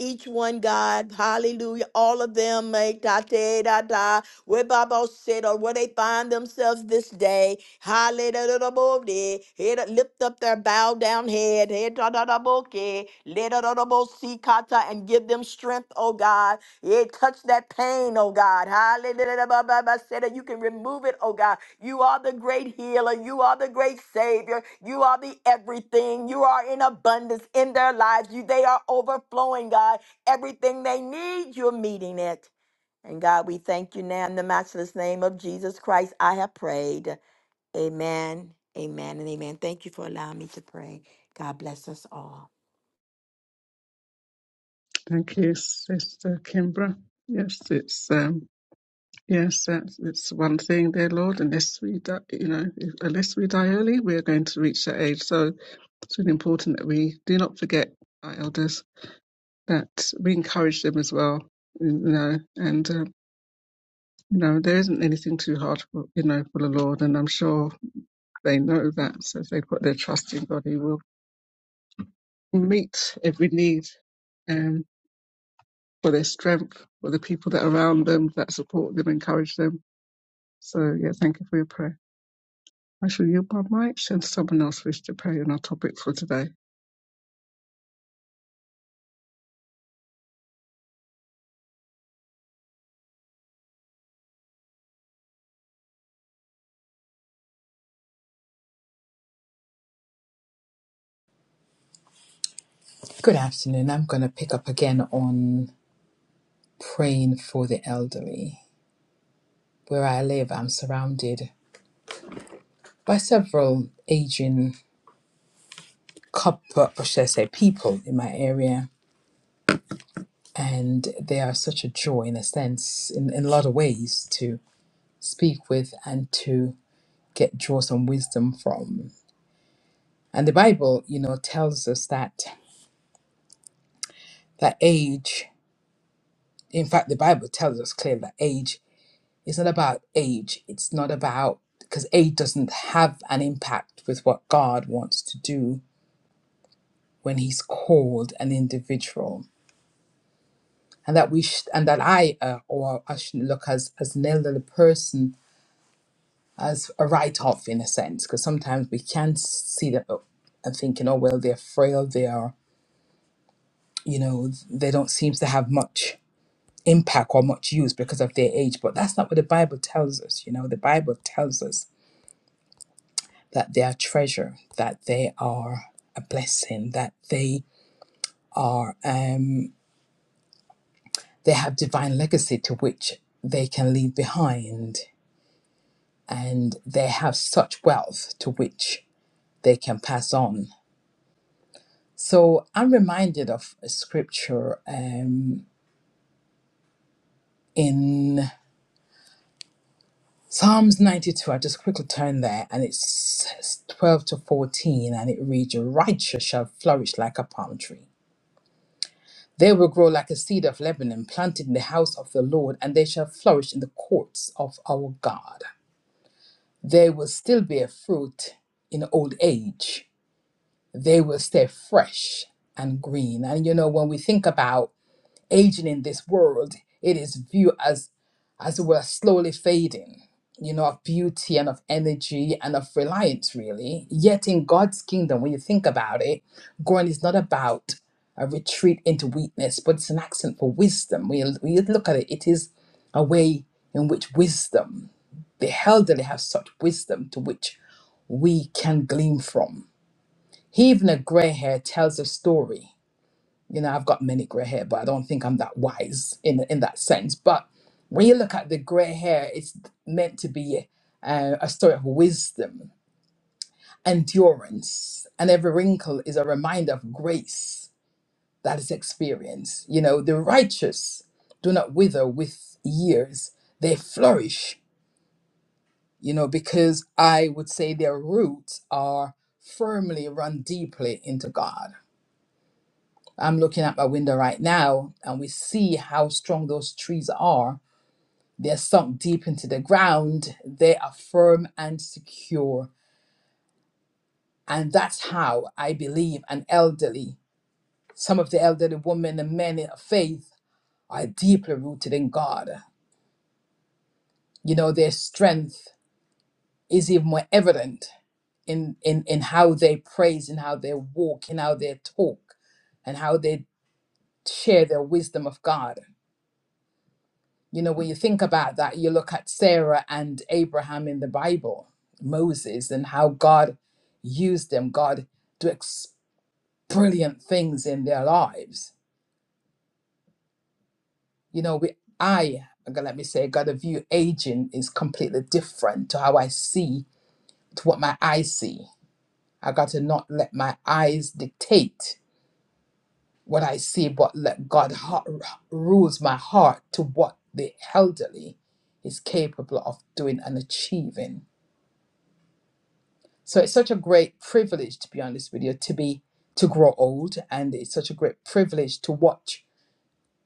B: Each one, God, hallelujah, all of them, make da da da da, where Baba said, or where they find themselves this day, hallelujah, da, bo, de, head, lift up their bow down head, head, da da da bo, ke, le, da da da bo, si, kata, and give them strength, oh God, it touched that pain, oh God. Hallelujah. Ba, ba, ba, Say that you can remove it, oh God. You are the great healer. You are the great savior. You are the everything. You are in abundance in their lives. You, they are overflowing, God. Everything they need, you're meeting it. And God, we thank you now in the matchless name of Jesus Christ. I have prayed. Amen. Amen and amen. Thank you for allowing me to pray. God bless us all.
F: Thank you, Sister Kimbra. Yes, it's um, yes, that's, it's one thing, dear Lord. Unless we, die, you know, if- unless we die early, we are going to reach that age. So it's really important that we do not forget our elders, that we encourage them as well, you know, and. um, You know, there isn't anything too hard for you know for the Lord, and I'm sure they know that. So if they put their trust in God, He will meet every need um, for their strength, for the people that are around them, that support them, encourage them. So yeah, thank you for your prayer. I shall yield my mic and someone else wish to pray on our topic for today.
H: Good afternoon. I'm going to pick up again on praying for the elderly. Where I live, I'm surrounded by several aging couple, or should I say, people in my area, and they are such a joy in a sense, in, in a lot of ways, to speak with and to get draw some wisdom from. And the Bible, you know, tells us that that age. In fact, the Bible tells us clearly that age It's not about age. It's not about because age doesn't have an impact with what God wants to do when He's called an individual, and that we sh- and that I uh, or I shouldn't look as as an elderly person as a write off in a sense because sometimes we can see them and thinking, oh well, they're frail. They are you know they don't seem to have much impact or much use because of their age but that's not what the bible tells us you know the bible tells us that they are treasure, that they are a blessing, that they are um, they have divine legacy to which they can leave behind, and they have such wealth to which they can pass on. So I'm reminded of a scripture um, in Psalms 92. I just quickly turn there, and it's 12 to 14, and it reads, "Your righteous shall flourish like a palm tree." They will grow like a seed of Lebanon, planted in the house of the Lord, and they shall flourish in the courts of our God. They will still bear fruit in old age. They will stay fresh and green. And you know, when we think about aging in this world, it is viewed as as we're slowly fading, you know, of beauty and of energy and of reliance, really. Yet in God's kingdom, when you think about it, growing is not about a retreat into weakness, but it's an accent for wisdom. When you, when you look at it, it is a way in which wisdom, the elderly have such wisdom to which we can glean from. even a grey hair, tells a story you know, I've got many gray hair, but I don't think I'm that wise in in that sense. But when you look at the gray hair, it's meant to be uh, a story of wisdom, endurance, and every wrinkle is a reminder of grace that is experienced. You know, the righteous do not wither with years; they flourish. You know, because I would say their roots are firmly run deeply into God I'm looking at my window right now and we see how strong those trees are. They're sunk deep into the ground, they are firm and secure. And that's how I believe an elderly, some of the elderly women and men of faith are deeply rooted in God. You know, their strength is even more evident in, in, in how they praise, in how they walk, in how they talk, and how they share their wisdom of God You know, when you think about that, you look at Sarah and Abraham in the Bible, Moses, and how God used them. God do ex- brilliant things in their lives. You know, we, I, okay, let me say, got a view aging is completely different to how I see, to what my eyes see. I got to not let my eyes dictate what I see, but let God heart, rules my heart to what the elderly is capable of doing and achieving So it's such a great privilege, to be on this video to be to grow old, and it's such a great privilege to watch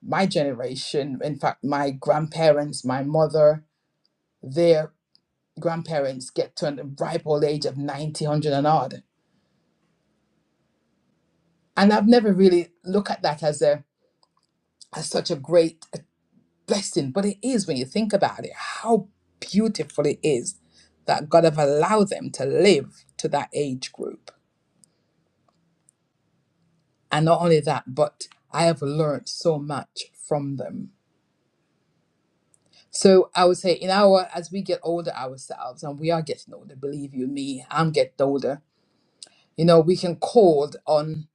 H: my generation, in fact, my grandparents, my mother, their grandparents get to a ripe old age of 90, 100 and odd. And I've never really looked at that as a as such a great blessing, but it is when you think about it, how beautiful it is that God have allowed them to live to that age group And not only that, but I have learned so much from them. So I would say, in our as we get older ourselves, and we are getting older, believe you me, I'm getting older. You know, we can call on,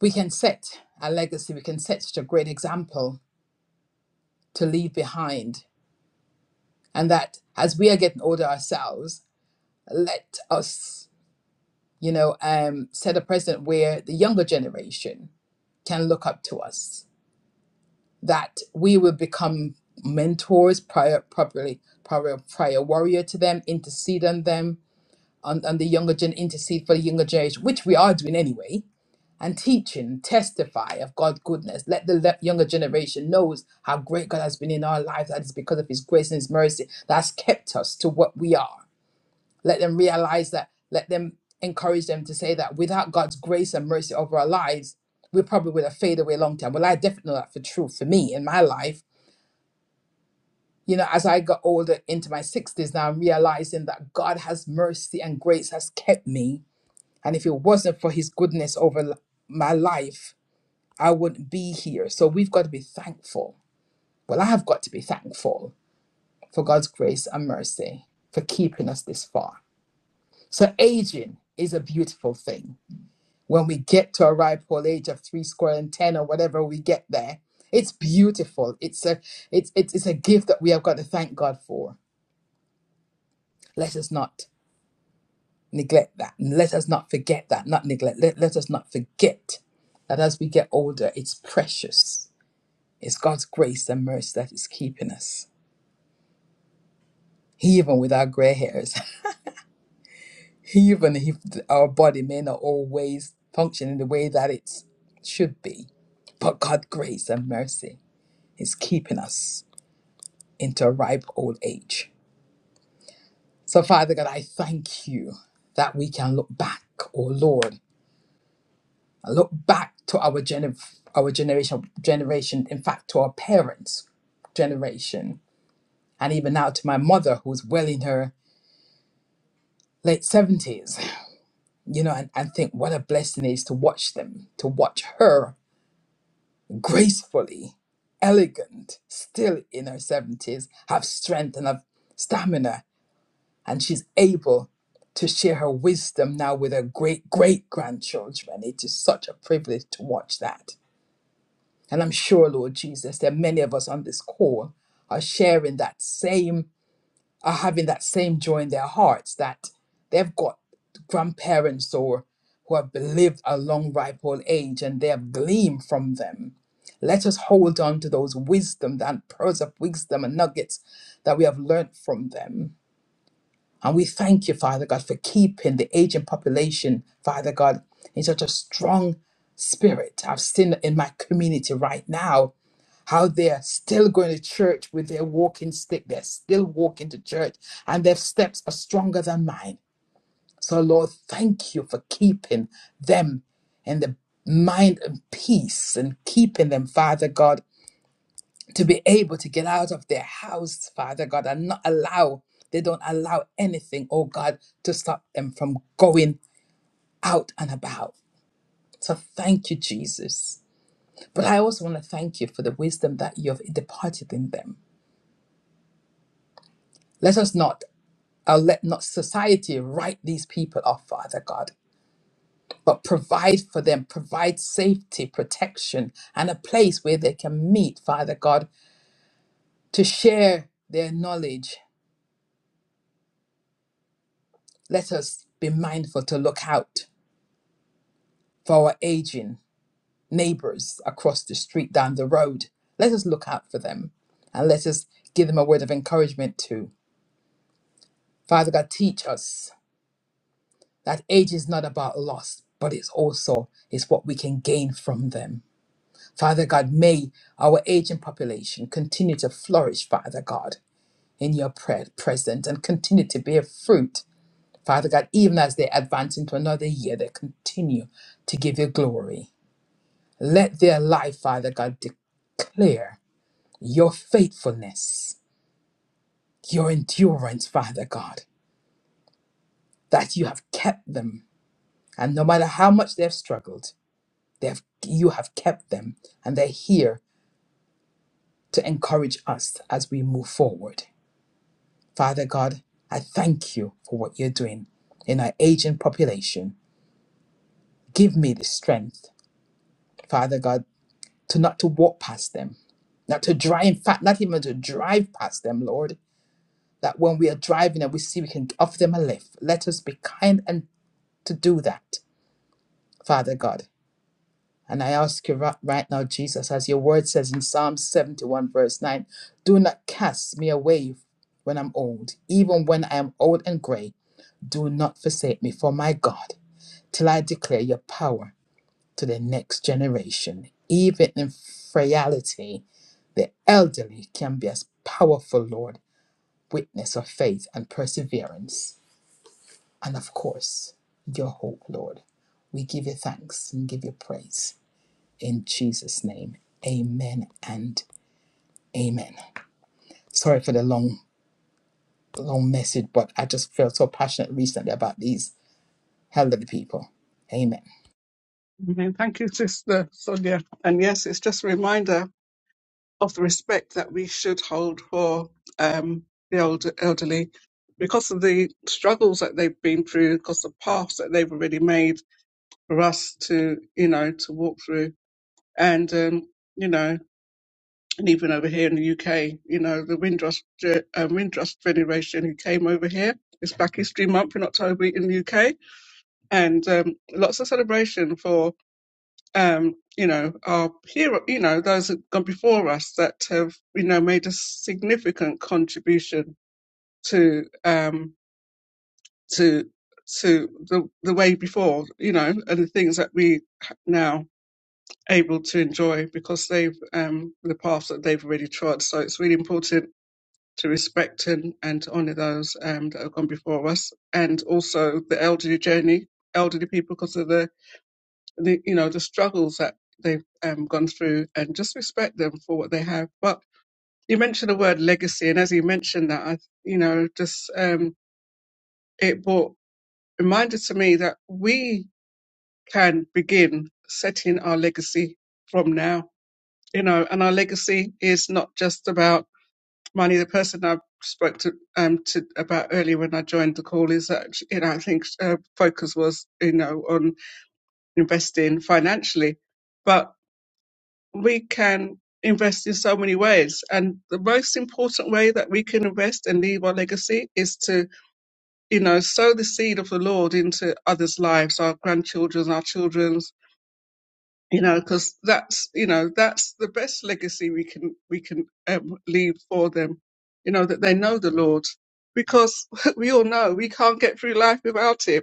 H: we can set a legacy, we can set such a great example to leave behind, and that as we are getting older ourselves, let us, you know, um, set a precedent where the younger generation can look up to us that we will become mentors, prior, probably prior, prior warrior to them, intercede on them, on, on the younger gen, intercede for the younger generation, which we are doing anyway, and teaching, testify of God's goodness. Let the le- younger generation knows how great God has been in our lives. That is because of His grace and His mercy that's kept us to what we are. Let them realize that. Let them encourage them to say that without God's grace and mercy over our lives, we probably would have faded away a long time. Well, I definitely know that for true for me in my life you know, as I got older into my 60s now, I'm realizing that God has mercy and grace has kept me. And if it wasn't for his goodness over l- my life, I wouldn't be here. So we've got to be thankful. Well, I have got to be thankful for God's grace and mercy for keeping us this far. So aging is a beautiful thing. When we get to a ripe old age of three square and ten or whatever we get there, it's beautiful. It's a it's it's, it's a gift that we have got to thank God for. Let us not neglect that. And let us not forget that, not neglect. Let, let us not forget that as we get older, it's precious. It's God's grace and mercy that is keeping us. He Even with our gray hairs, [laughs] even if our body may not always function in the way that it should be, but God's grace and mercy is keeping us into a ripe old age. So, Father God, I thank you that we can look back, oh Lord, I look back to our gen, our generation generation, in fact to our parents' generation, and even now to my mother who's well in her late seventies, you know, and, and think what a blessing it is to watch them, to watch her gracefully, elegant, still in her seventies, have strength and have stamina, and she's able to share her wisdom now with her great great grandchildren. It is such a privilege to watch that And I'm sure, Lord Jesus, that many of us on this call are sharing that same, are having that same joy in their hearts that they've got grandparents or who have lived a long, ripe old age and they have gleamed from them. Let us hold on to those wisdom, that pearls of wisdom and nuggets that we have learnt from them. And we thank you, Father God, for keeping the aging population, Father God, in such a strong spirit. I've seen in my community right now how they are still going to church with their walking stick. They're still walking to church, and their steps are stronger than mine. So, Lord, thank you for keeping them in the mind and peace and keeping them, Father God, to be able to get out of their house, Father God, and not allow, they don't allow anything, oh God, to stop them from going out and about. So, thank you, Jesus. But I also want to thank you for the wisdom that you have departed in them. Let us not Uh, let not society write these people off, Father God, but provide for them, provide safety, protection, and a place where they can meet, Father God, to share their knowledge. Let us be mindful to look out for our aging neighbors across the street, down the road. Let us look out for them and let us give them a word of encouragement too. Father God, teach us that age is not about loss, but it's also it's what we can gain from them. Father God, may our aging population continue to flourish, Father God, in your pre- presence and continue to bear fruit. Father God, even as they advance into another year, they continue to give you glory. Let their life, Father God, declare your faithfulness, your endurance, Father God, that you have kept them. And no matter how much they've struggled, they've, you have kept them, and they're here to encourage us as we move forward. Father God, I thank you for what you're doing in our aging population. Give me the strength, Father God, to not to walk past them, not to drive, in fact, not even to drive past them, Lord. That when we are driving and we see we can offer them a lift, let us be kind and to do that, Father God. And I ask you ri- right now, Jesus, as your word says in Psalm 71, verse 9, do not cast me away when I'm old, even when I am old and gray. Do not forsake me, for my God. till I declare your power to the next generation. Even in frailty, the elderly can be as powerful, Lord, witness of faith and perseverance. And of course, your hope, Lord. We give you thanks and give you praise. In Jesus' name, amen and amen. Sorry for the long, long message, but I just felt so passionate recently about these elderly people. Amen.
F: Amen. Thank you, Sister Sonia. And yes, it's just a reminder of the respect that we should hold for um, the older elderly because of the struggles that they've been through, because the paths that they've already made for us to, you know, to walk through. And, um, you know, and even over here in the UK, you know, the Windrush, Ge- um, Windrush Federation who came over here, it's Black History Month in October in the UK, and um, lots of celebration for um, you know, our hero, you know, those that have gone before us that have, you know, made a significant contribution to, um, to, to the, the way before, you know, and the things that we ha- now able to enjoy because they've, um, the paths that they've already trod. So it's really important to respect and, and to honour those, um, that have gone before us and also the elderly journey, elderly people because of the the, you know the struggles that they've um, gone through and just respect them for what they have but you mentioned the word legacy and as you mentioned that i you know just um it brought reminded to me that we can begin setting our legacy from now you know and our legacy is not just about money the person i spoke to um to about earlier when i joined the call is that you know i think uh, focus was you know on investing financially but we can invest in so many ways. And the most important way that we can invest and leave our legacy is to, you know, sow the seed of the Lord into others' lives, our grandchildren's, our children's, you know, because that's, you know, that's the best legacy we can, we can um, leave for them, you know, that they know the Lord because [laughs] we all know we can't get through life without him.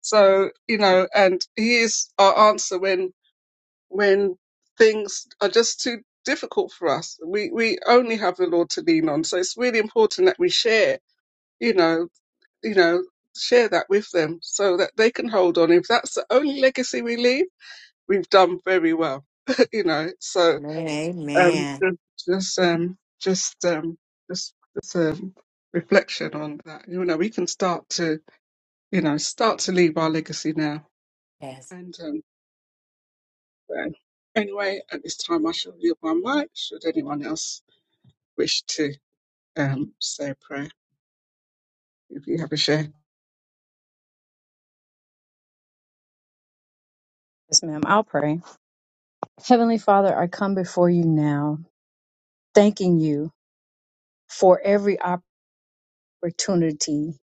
F: So, you know, and he is our answer when when things are just too difficult for us. We we only have the Lord to lean on. So it's really important that we share, you know, you know, share that with them so that they can hold on. If that's the only legacy we leave, we've done very well. [laughs] you know, so
B: Amen.
F: um
B: Amen.
F: ju- just um just um just just um reflection on that. You know, we can start to, you know, start to leave our legacy now.
B: Yes.
F: And um So anyway, at this time, I shall yield my mic. Should anyone else wish to um, say a prayer, if you have a share.
D: Yes, ma'am, I'll pray. Heavenly Father, I come before you now, thanking you for every opportunity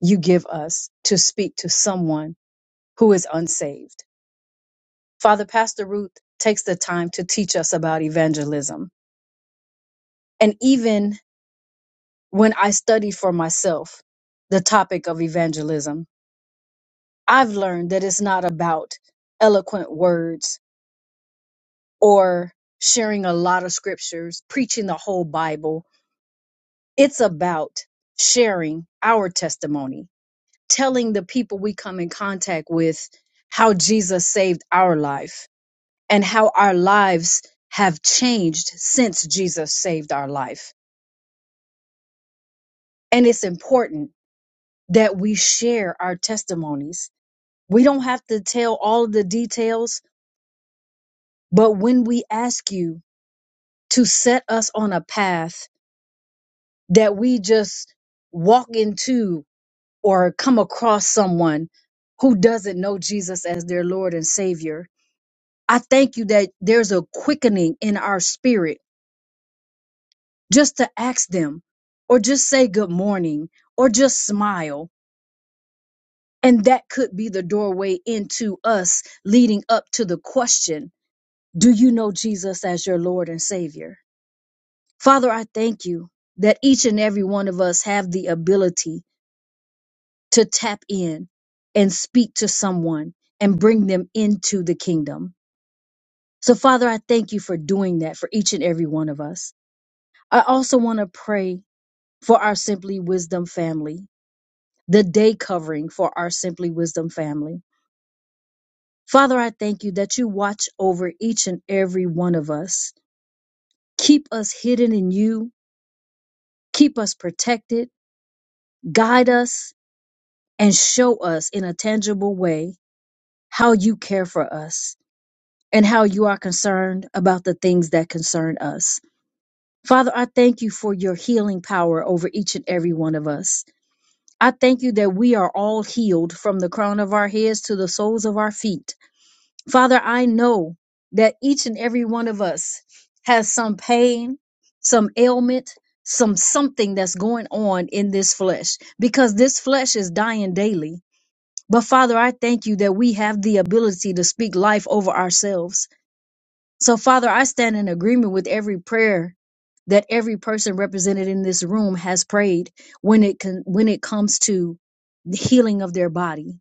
D: you give us to speak to someone who is unsaved. Father, Pastor Ruth takes the time to teach us about evangelism and even when I study for myself the topic of evangelism, I've learned that it's not about eloquent words or sharing a lot of scriptures, preaching the whole Bible. It's about sharing our testimony, telling the people we come in contact with how Jesus saved our life and how our lives have changed since Jesus saved our life. And it's important that we share our testimonies We don't have to tell all the details, but when we ask you to set us on a path that we just walk into or come across someone who doesn't know Jesus as their Lord and Savior, I thank you that there's a quickening in our spirit just to ask them or just say good morning or just smile. And that could be the doorway into us leading up to the question Do you know Jesus as your Lord and Savior? Father, I thank you that each and every one of us have the ability to tap in and speak to someone and bring them into the kingdom. So, Father, I thank you for doing that for each and every one of us. I also want to pray for our Simply Wisdom family, the day covering for our Simply Wisdom family. Father, I thank you that you watch over each and every one of us. Keep us hidden in you, keep us protected, guide us, and show us in a tangible way how you care for us and how you are concerned about the things that concern us. Father, I thank you for your healing power over each and every one of us. I thank you that we are all healed from the crown of our heads to the soles of our feet. Father, I know that each and every one of us has some pain, some ailment, some something that's going on in this flesh because this flesh is dying daily but Father, I thank you that we have the ability to speak life over ourselves. So, Father, I stand in agreement with every prayer that every person represented in this room has prayed when it con- when it comes to the healing of their body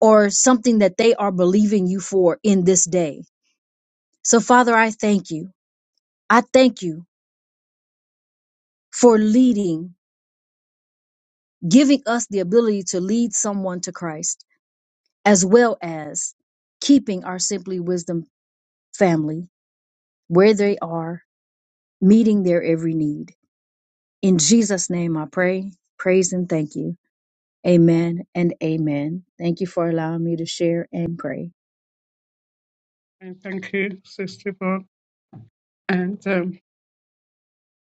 D: or something that they are believing you for in this day. So, Father, I thank you. I thank you for leading, giving us the ability to lead someone to Christ, as well as keeping our Simply Wisdom family. where they are, meeting their every need. In Jesus' name I pray, praise, and thank you. Amen and amen. Thank you for allowing me to share and pray.
F: And thank you, Sister Yvonne. And um,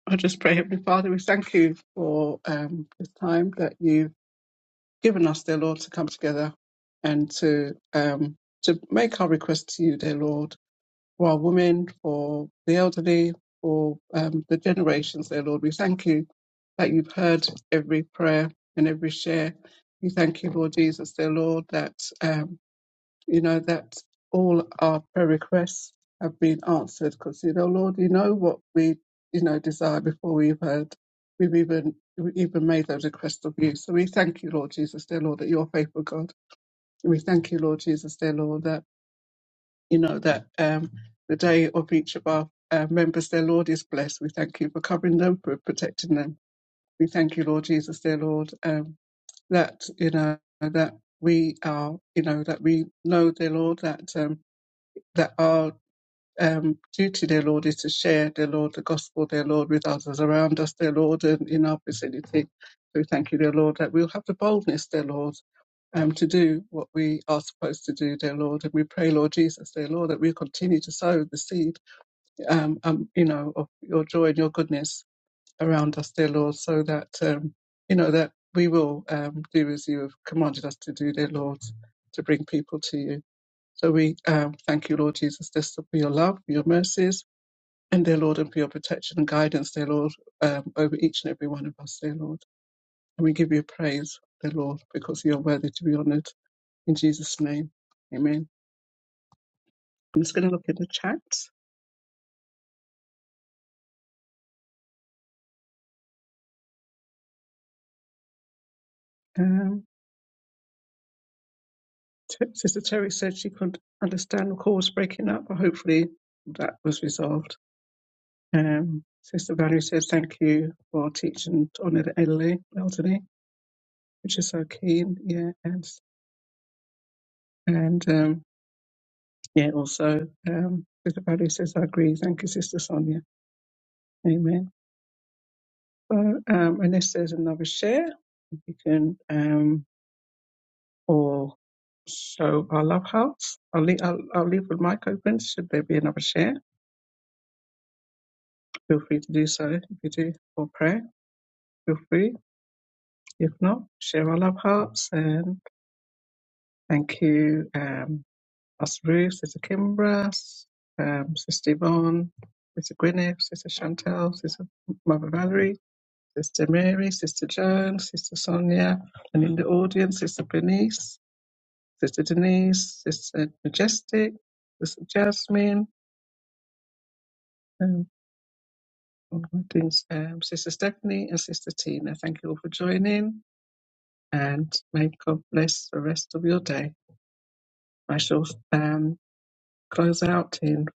F: I just pray, Heavenly Father, we thank you for um, this time that you've given us, dear Lord, to come together and to um, to make our request to you, dear Lord. for our women, for the elderly, for um, the generations, dear Lord. We thank you that you've heard every prayer and every share. We thank you, Lord Jesus, dear Lord, that, um, you know, that all our prayer requests have been answered because, you know, Lord, you know what we, you know, desire before we've heard, we've even, we even made those requests of you. So we thank you, Lord Jesus, dear Lord, that you're faithful God. And we thank you, Lord Jesus, dear Lord, that you know, that um, the day of each of our uh, members, their Lord is blessed. We thank you for covering them, for protecting them. We thank you, Lord Jesus, dear Lord, um, that, you know, that we are, you know, that we know, dear Lord, that um, that our um, duty, dear Lord, is to share, dear Lord, the gospel, dear Lord, with others around us, dear Lord, and in our vicinity. So we thank you, dear Lord, that we'll have the boldness, dear Lord, um, to do what we are supposed to do, dear Lord. And we pray, Lord Jesus, dear Lord, that we continue to sow the seed, um, um, you know, of your joy and your goodness around us, dear Lord, so that, um, you know, that we will um, do as you have commanded us to do, dear Lord, to bring people to you. So we um, thank you, Lord Jesus, just for your love, for your mercies, and dear Lord, and for your protection and guidance, dear Lord, um, over each and every one of us, dear Lord. And we give you praise, dear Lord, because you are worthy to be honoured. In Jesus' name, amen. I'm just going to look in the chat. Um, T- Sister Terry said she could not understand the call was breaking up, but hopefully that was resolved. Um, Sister Valerie says, thank you for teaching to honour the elderly, elderly, which is so keen, yeah. And, and um, yeah, also, um, Sister Valerie says, I agree. Thank you, Sister Sonia. Amen. Well, um, unless there's another share, if you can, um, or so our love hearts. I'll leave, I'll, I'll leave the mic open. Should there be another share, feel free to do so. If you do, or prayer, feel free. If not, share our love hearts. And thank you, um, us Ruth, Sister Kimbra, um, Sister Yvonne, Sister Gwyneth, Sister Chantel, Sister Mother Valerie, Sister Mary, Sister Joan, Sister Sonia, and in the audience, Sister Bernice. Sister Denise, Sister Majestic, Sister Jasmine, um, all my things, um, Sister Stephanie, and Sister Tina. Thank you all for joining, and may God bless the rest of your day. I shall um, close out in five.